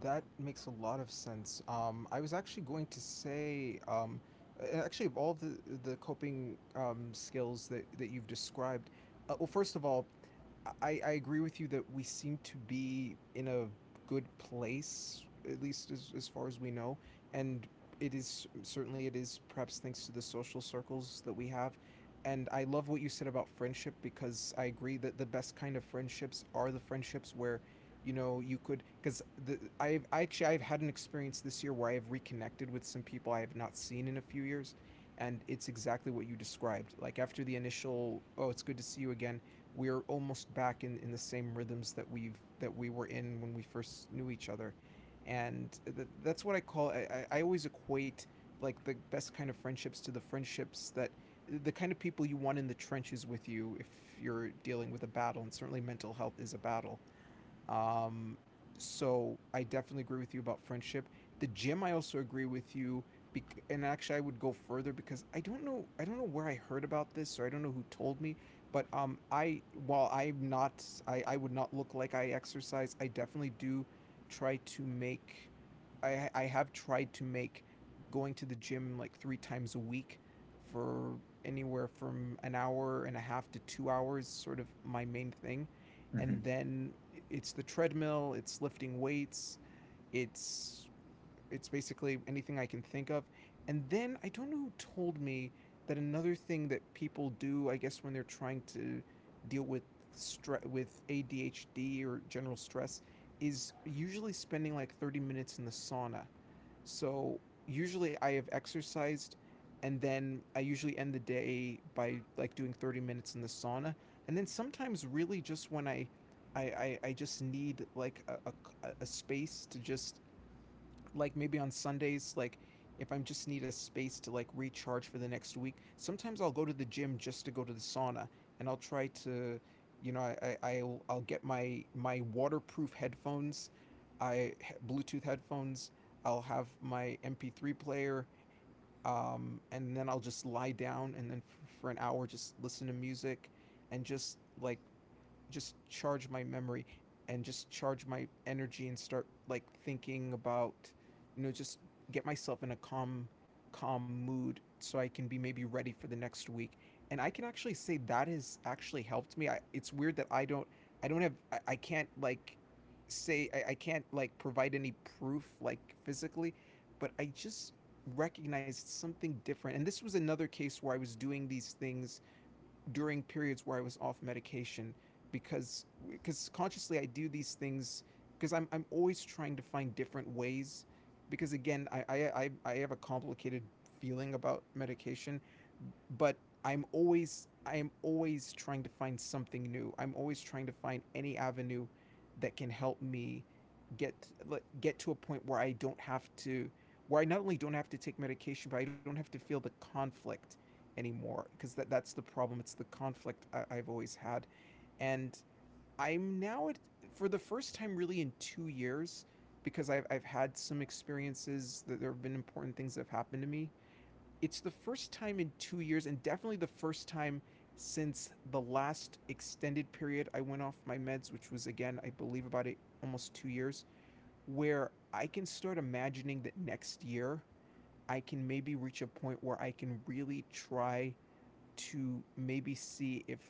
That makes a lot of sense. I was actually going to say, actually, of all of the coping skills that you've described, well, first of all, I agree with you that we seem to be in a good place, at least as far as we know, and it is perhaps thanks to the social circles that we have. And I love what you said about friendship, because I agree that the best kind of friendships are the friendships where you could, because the I've I actually I've had an experience this year where I have reconnected with some people I have not seen in a few years, and it's exactly what you described, like after the initial, oh, it's good to see you again, we're almost back in the same rhythms that we were in when we first knew each other. And th- that's what I call I always equate the best kind of friendships to the friendships that the kind of people you want in the trenches with you if you're dealing with a battle, and certainly mental health is a battle. Um, so I definitely agree with you about friendship. The gym, I also agree with you. And actually, I would go further because I don't know where I heard about this, or I don't know who told me. But I, while I'm not, I would not look like I exercise. I definitely do try to make. I have tried to make going to the gym like three times a week for anywhere from an hour and a half to 2 hours, sort of my main thing. Hmm. And then it's the treadmill, it's lifting weights, it's it's basically anything I can think of. And then I don't know who told me that another thing that people do, I guess when they're trying to deal with stress with ADHD or general stress, is usually spending like 30 minutes in the sauna. So usually I have exercised, and then I usually end the day by like doing 30 minutes in the sauna. And then sometimes really just when I just need like a space to just, like maybe on Sundays, like if I just need a space to like recharge for the next week, sometimes I'll go to the gym just to go to the sauna. And I'll try to, you know, I'll get my waterproof headphones, I Bluetooth headphones. I'll have my MP3 player, and then I'll just lie down and then for an hour just listen to music and just like just charge my memory and just charge my energy and start like thinking about, you know, just get myself in a calm, calm mood so I can be maybe ready for the next week. And I can actually say that has actually helped me. I, it's weird that I don't have, I can't like say, I can't like provide any proof like physically, but I just recognized something different. And this was another case where I was doing these things during periods where I was off medication, because consciously I do these things because I'm always trying to find different ways, because again I have a complicated feeling about medication, but I am always trying to find something new. I'm always trying to find any avenue that can help me get like, get to a point where I not only don't have to take medication, but I don't have to feel the conflict anymore, because that's the problem. It's the conflict I've always had. And I'm now at, for the first time really in 2 years, because I've had some experiences, that there have been important things that have happened to me. It's the first time in 2 years, and definitely the first time since the last extended period I went off my meds, which was, again, I believe about it almost 2 years, where I can start imagining that next year I can maybe reach a point where I can really try to maybe see if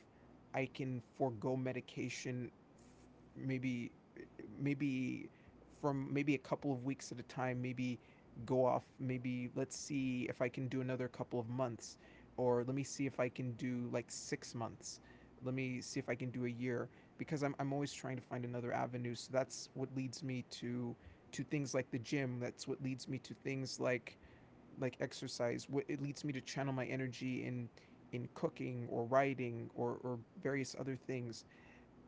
I can forego medication, maybe maybe maybe a couple of weeks at a time, maybe go off, maybe let's see if I can do another couple of months, or let me see if I can do like 6 months. Let me see if I can do a year, because I'm always trying to find another avenue. So that's what leads me to things like the gym. That's what leads me to things like exercise. What it leads me to channel my energy in cooking or writing, or various other things,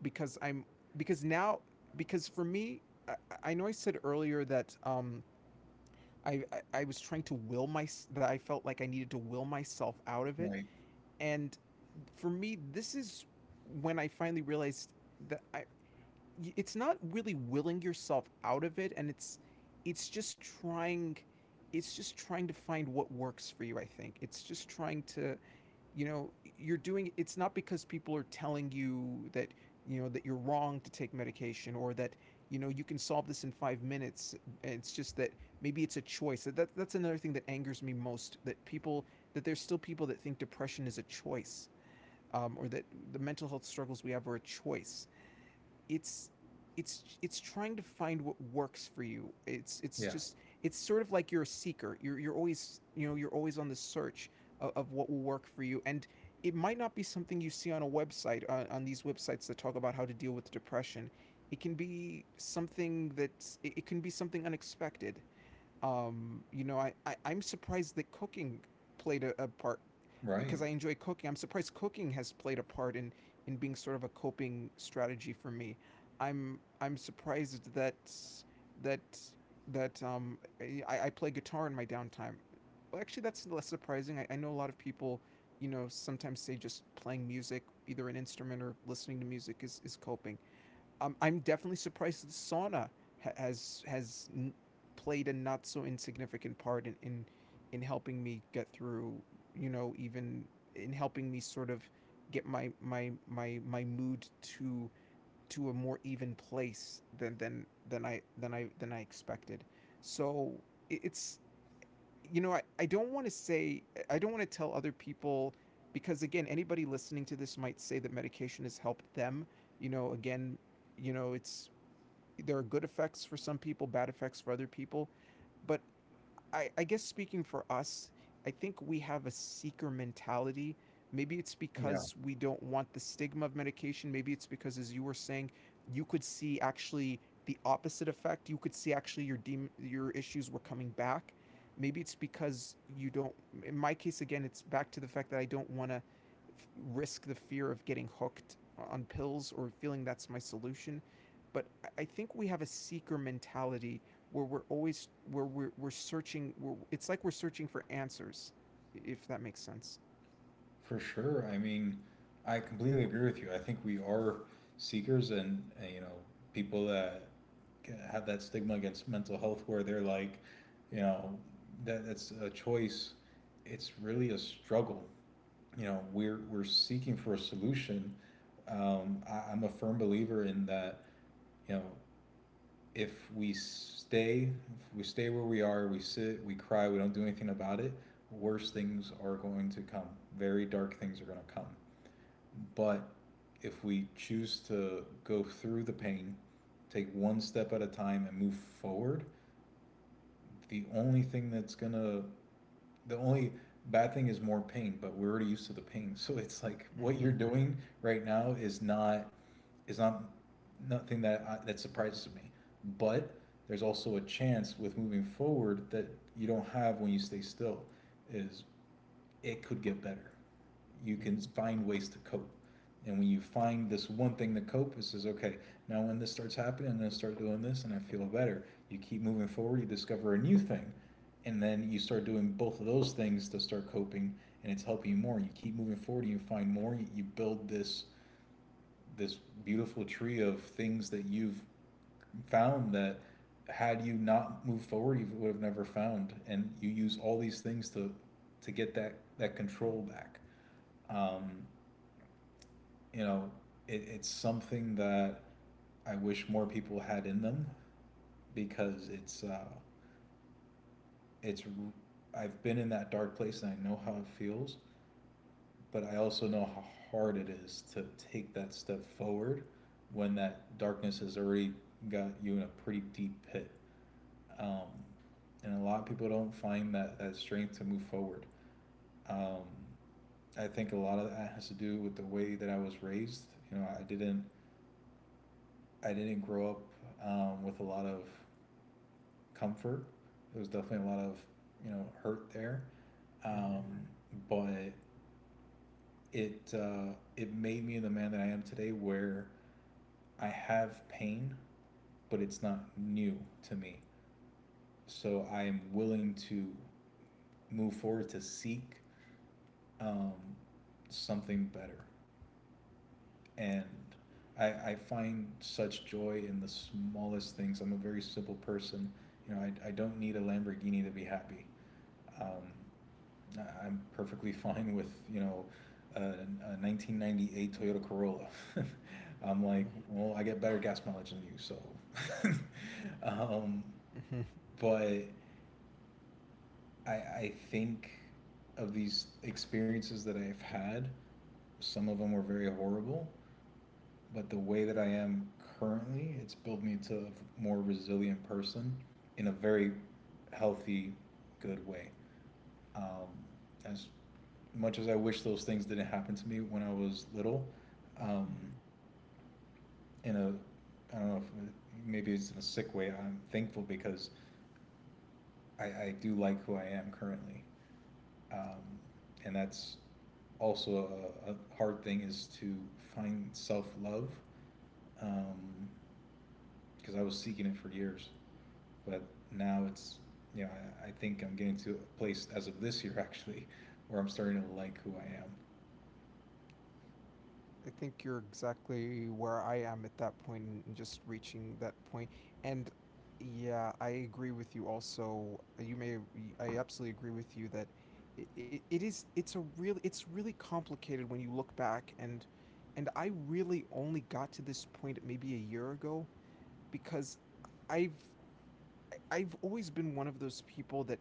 because I'm because now because for me, I, I know I said earlier that I was trying to will my that I felt like I needed to will myself out of it. Right. And for me, this is when I finally realized that I it's not really willing yourself out of it, and it's just trying it's just trying to find what works for you. I think it's just trying to, you know, you're doing it's not because people are telling you that, you know, that you're wrong to take medication, or that, you know, you can solve this in 5 minutes. It's just that maybe it's a choice that's another thing that angers me most, that people, that there's still people that think depression is a choice, or that the mental health struggles we have are a choice. it's it's trying to find what works for you. Yeah. It's just, it's sort of like you're a seeker. You're always, you know, you're always on the search of what will work for you. And it might not be something you see on a website on these websites that talk about how to deal with depression. It can be something that it can be something unexpected. You know, I'm surprised that cooking played a part, Right. because I enjoy cooking. I'm surprised cooking has played a part in being sort of a coping strategy for me. I'm surprised that that I play guitar in my downtime. Well, actually, that's less surprising. I know a lot of people, you know, sometimes say just playing music, either an instrument or listening to music, is coping. I'm definitely surprised the sauna ha- has has n- played a not so insignificant part in, in helping me get through. You know, even in helping me sort of get my mood to a more even place than I expected. So it's, you know, I don't want to say, I don't want to tell other people, because again, anybody listening to this might say that medication has helped them. You know, again, you know, it's there are good effects for some people, bad effects for other people. But I guess speaking for us, I think we have a seeker mentality. Maybe it's because we don't want the stigma of medication. Maybe it's because, as you were saying, you could see actually the opposite effect. You could see actually your your issues were coming back. Maybe it's because you don't. In my case, again, it's back to the fact that I don't want to risk the fear of getting hooked on pills or feeling that's my solution. But I think we have a seeker mentality where we're searching. We're, it's like we're searching for answers, if that makes sense. For sure. I mean, I completely agree with you. I think we are seekers, and you know, people that have that stigma against mental health where they're like, you know, that's a choice. It's really a struggle. You know, we're seeking for a solution. I'm a firm believer in that, you know, if we stay if we stay where we are, we sit, we cry, we don't do anything about it, worse things are going to come. Very dark things are going to come. But if we choose to go through the pain, take one step at a time and move forward, the only thing that's gonna, the only bad thing is more pain, but we're already used to the pain. So it's like what you're Mm-hmm. doing right now is is not nothing that that surprises me. But there's also a chance with moving forward that you don't have when you stay still is it could get better. You can Mm-hmm. find ways to cope. And when you find this one thing to cope, it says, okay, now when this starts happening, I'm going to start doing this and I feel better. You keep moving forward, you discover a new thing. And then you start doing both of those things to start coping, and it's helping you more. You keep moving forward, you find more, you build this beautiful tree of things that you've found that, had you not moved forward, you would have never found. And you use all these things to get that control back. Um, you know, it's something that I wish more people had in them because it's I've been in that dark place and I know how it feels, but I also know how hard it is to take that step forward when that darkness has already got you in a pretty deep pit. Um, and a lot of people don't find that strength to move forward. Um, I think a lot of that has to do with the way that I was raised. You know, I didn't grow up, with a lot of comfort. There was definitely a lot of, hurt there, um, Mm-hmm. but it made me the man that I am today, where I have pain, but it's not new to me. So I am willing to move forward to seek, um, something better. And I find such joy in the smallest things. I'm a very simple person. You know, I don't need a Lamborghini to be happy. Um, I am perfectly fine with, a 1998 Toyota Corolla. I'm like, well, I get better gas mileage than you, so. um, Mm-hmm. Mm-hmm. but I think of these experiences that I've had, some of them were very horrible, but the way that I am currently, it's built me to a more resilient person in a very healthy, good way. Um, as much as I wish those things didn't happen to me when I was little, um, in a I don't know if maybe it's in a sick way. I'm thankful because I do like who I am currently, um, and that's also a hard thing is to find self love, um, because I was seeking it for years. But now it's, you know, I think I'm getting to a place as of this year actually where I'm starting to like who I am. I think you're exactly where I am at that point and just reaching that point. And yeah, I agree with you also. You may I absolutely agree with you that it is it's a real it's really complicated when you look back and I really only got to this point maybe a year ago because I've I've always been one of those people that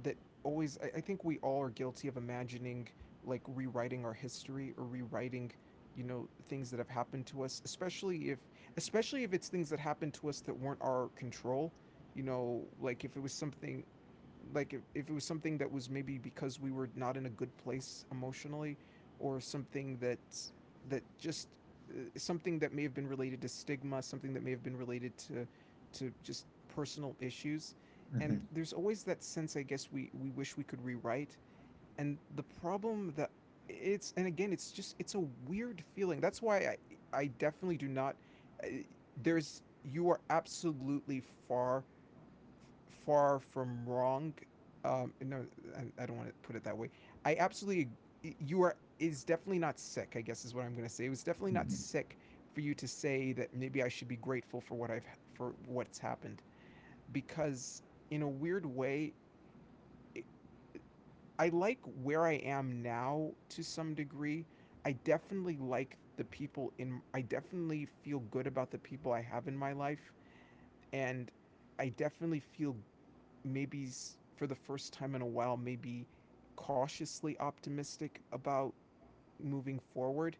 that always I think we all are guilty of imagining like rewriting our history or rewriting you know things that have happened to us especially if it's things that happened to us that weren't our control, you know, like if it was something like if it was something that was maybe because we were not in a good place emotionally or something that just something that may have been related to stigma, something that may have been related to just personal issues. Mm-hmm. And there's always that sense I guess we wish we could rewrite. And the problem that it's, and again it's just it's a weird feeling. That's why I definitely do not uh, there's you are absolutely far far from wrong. No, I don't want to put it that way. I absolutely, you are is definitely not sick. I guess is what I'm going to say. It was definitely not Mm-hmm. sick for you to say that maybe I should be grateful for what I've for what's happened because in a weird way, I like where I am now to some degree. I definitely like the people in I definitely feel good about the people I have in my life. And I definitely feel maybe for the first time in a while, maybe cautiously optimistic about moving forward.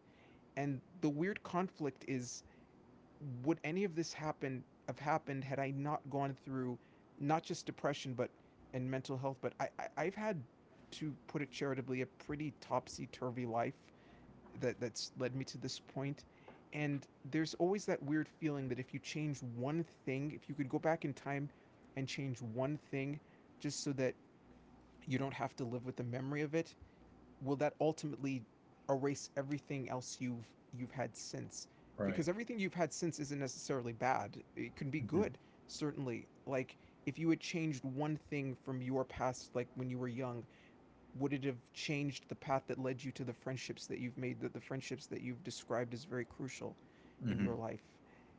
And the weird conflict is would any of this happen have happened had I not gone through not just depression but and mental health, but I I've had to put it charitably a pretty topsy turvy life that's led me to this point. And there's always that weird feeling that if you change one thing, if you could go back in time and change one thing just so that you don't have to live with the memory of it, will that ultimately erase everything else you've had since? Right. Because everything you've had since isn't necessarily bad. It can be Mm-hmm. good, certainly. Like if you had changed one thing from your past, like when you were young, would it have changed the path that led you to the friendships that you've made, the friendships that you've described as very crucial in Mm-hmm. your life?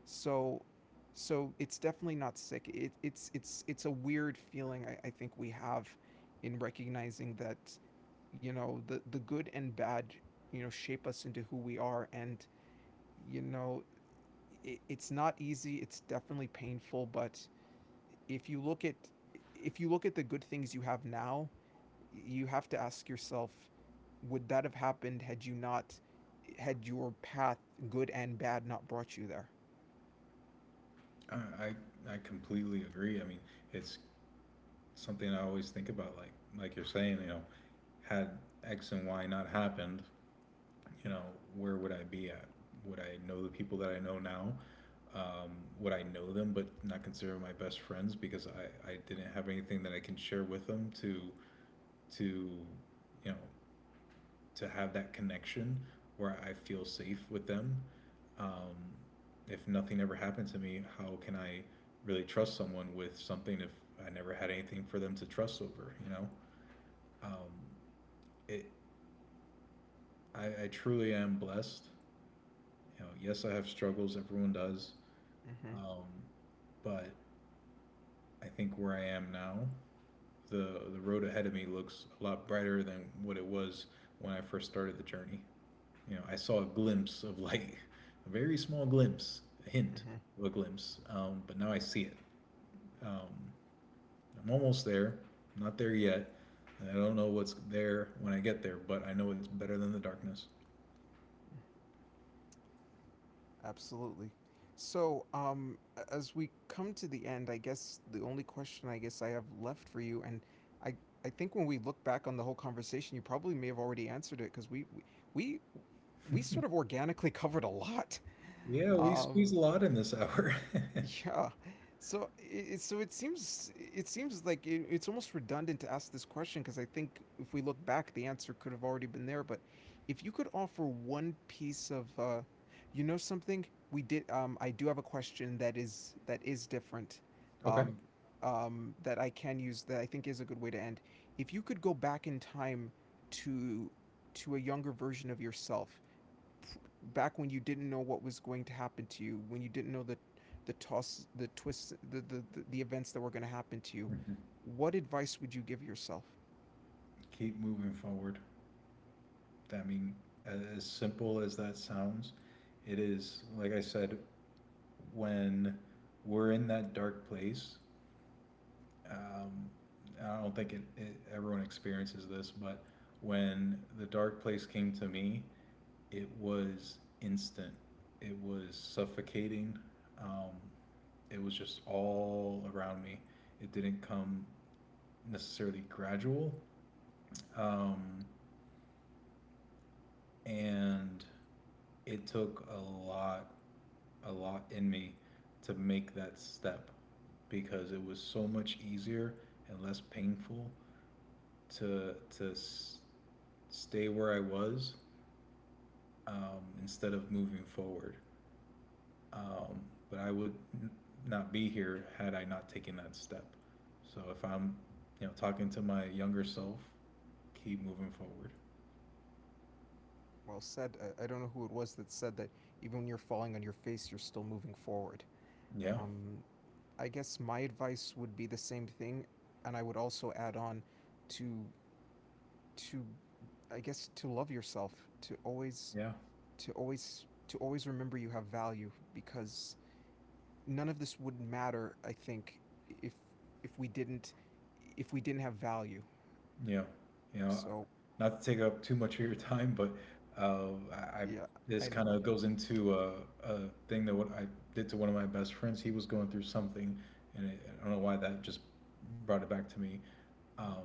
So it's definitely not sick. It's it's a weird feeling I think we have in recognizing that you know the good and bad, you know, shape us into who we are. And you know it's not easy, it's definitely painful, but if you look at if you look at the good things you have now, you have to ask yourself would that have happened had you not had your path good and bad not brought you there. I completely agree. I mean, it's something I always think about. Like you're saying, you know, had X and Y not happened, you know, where would I be at? Would I know the people that I know now? Um, would I know them but not consider my best friends because I didn't have anything that I can share with them to to you know to have that connection where I feel safe with them. Um, if nothing ever happened to me, how can I really trust someone with something if I never had anything for them to trust over? You know, um, it. I truly am blessed. You know, yes, I have struggles. Everyone does, Mm-hmm, um, but I think where I am now, the road ahead of me looks a lot brighter than what it was when I first started the journey. You know, I saw a glimpse of light, a very small glimpse, a hint mm-hmm. of a glimpse, but now I see it. Um, I'm almost there, I'm not there yet, and I don't know what's there when I get there, but I know it's better than the darkness. Absolutely. So, as we come to the end, I guess the only question I guess I have left for you, and I, I think when we look back on the whole conversation, you probably may have already answered it because we, we sort of organically covered a lot. Yeah, we squeezed Um, a lot in this hour. yeah. So so it seems like it's almost redundant to ask this question because I think if we look back, the answer could have already been there. But if you could offer one piece of, you know, something we did. I do have a question that is different. Okay. Um, that I can use that I think is a good way to end. If you could go back in time to to a younger version of yourself back when you didn't know what was going to happen to you, when you didn't know the toss, the twists, the events that were going to happen to you, what advice would you give yourself? Keep moving forward. I mean, as simple as that sounds, it is, like I said, when we're in that dark place, um, I don't think everyone experiences this, but when the dark place came to me, it was instant. It was suffocating. Um, it was just all around me. It didn't come necessarily gradual, um, and it took lot, a lot in me to make that step because it was so much easier and less painful to stay where I was, instead of moving forward. Um, but I would n- not be here had I not taken that step. So if I'm, you know, talking to my younger self, keep moving forward. Well said. I don't know who it was that said that even when you're falling on your face, you're still moving forward. Yeah, Um, I guess my advice would be the same thing, and I would also add on to to I guess to love yourself, to always yeah, to always remember you have value because none of this would matter, I think, if we didn't have value. yeah. You know, So not to take up too much of your time, but I yeah, this I kind know. of goes into a thing that what I did to one of my best friends. He was going through something, and I don't know why that just brought it back to me. Um,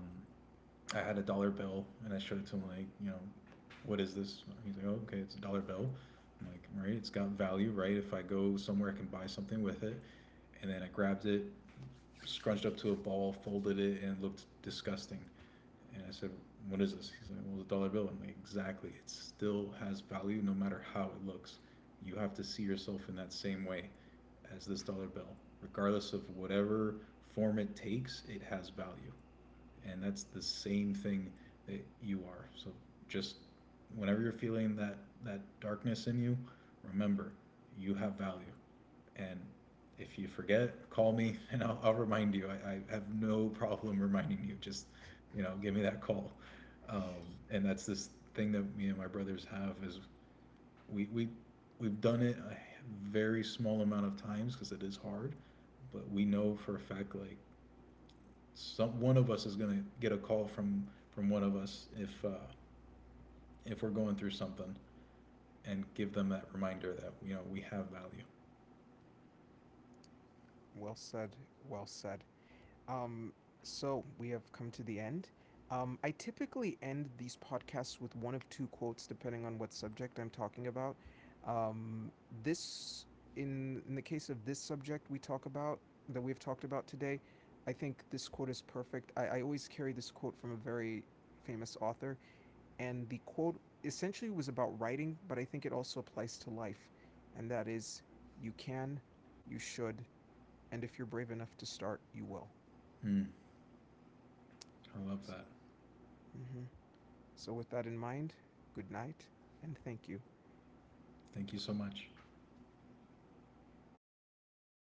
I had a dollar bill and I showed it to him like, you know, what is this? He's like, oh, okay, it's a dollar bill. I'm like, right, it's got value, right? If I go somewhere, I can buy something with it. And then I grabbed it, scrunched up to a ball, folded it, and it looked disgusting. And I said, what is this? He's like, well, it's a dollar bill. I'm like, exactly. It still has value no matter how it looks. You have to see yourself in that same way as this dollar bill. Regardless of whatever form it takes, it has value. And that's the same thing that you are. So just whenever you're feeling that darkness in you, remember you have value. And if you forget, call me and I'll remind you. I have no problem reminding you. Just, you know, give me that call. Um, and that's this thing that me and my brothers have is we, we, we've done it a very small amount of times because it is hard, but we know for a fact, like some one of us is going to get a call from one of us, if we're going through something, and give them that reminder that you know we have value. Well said. Well said. Um, so we have come to the end. I typically end these podcasts with one of two quotes, depending on what subject I'm talking about. Um, this, in the case of this subject we talk about that we've talked about today, I think this quote is perfect. I always carry this quote from a very famous author. And the quote essentially was about writing, but I think it also applies to life, and that is you can, you should, and if you're brave enough to start, you will. Mm, I love that. Mm-hmm. So, with that in mind, good night and thank you. Thank you so much.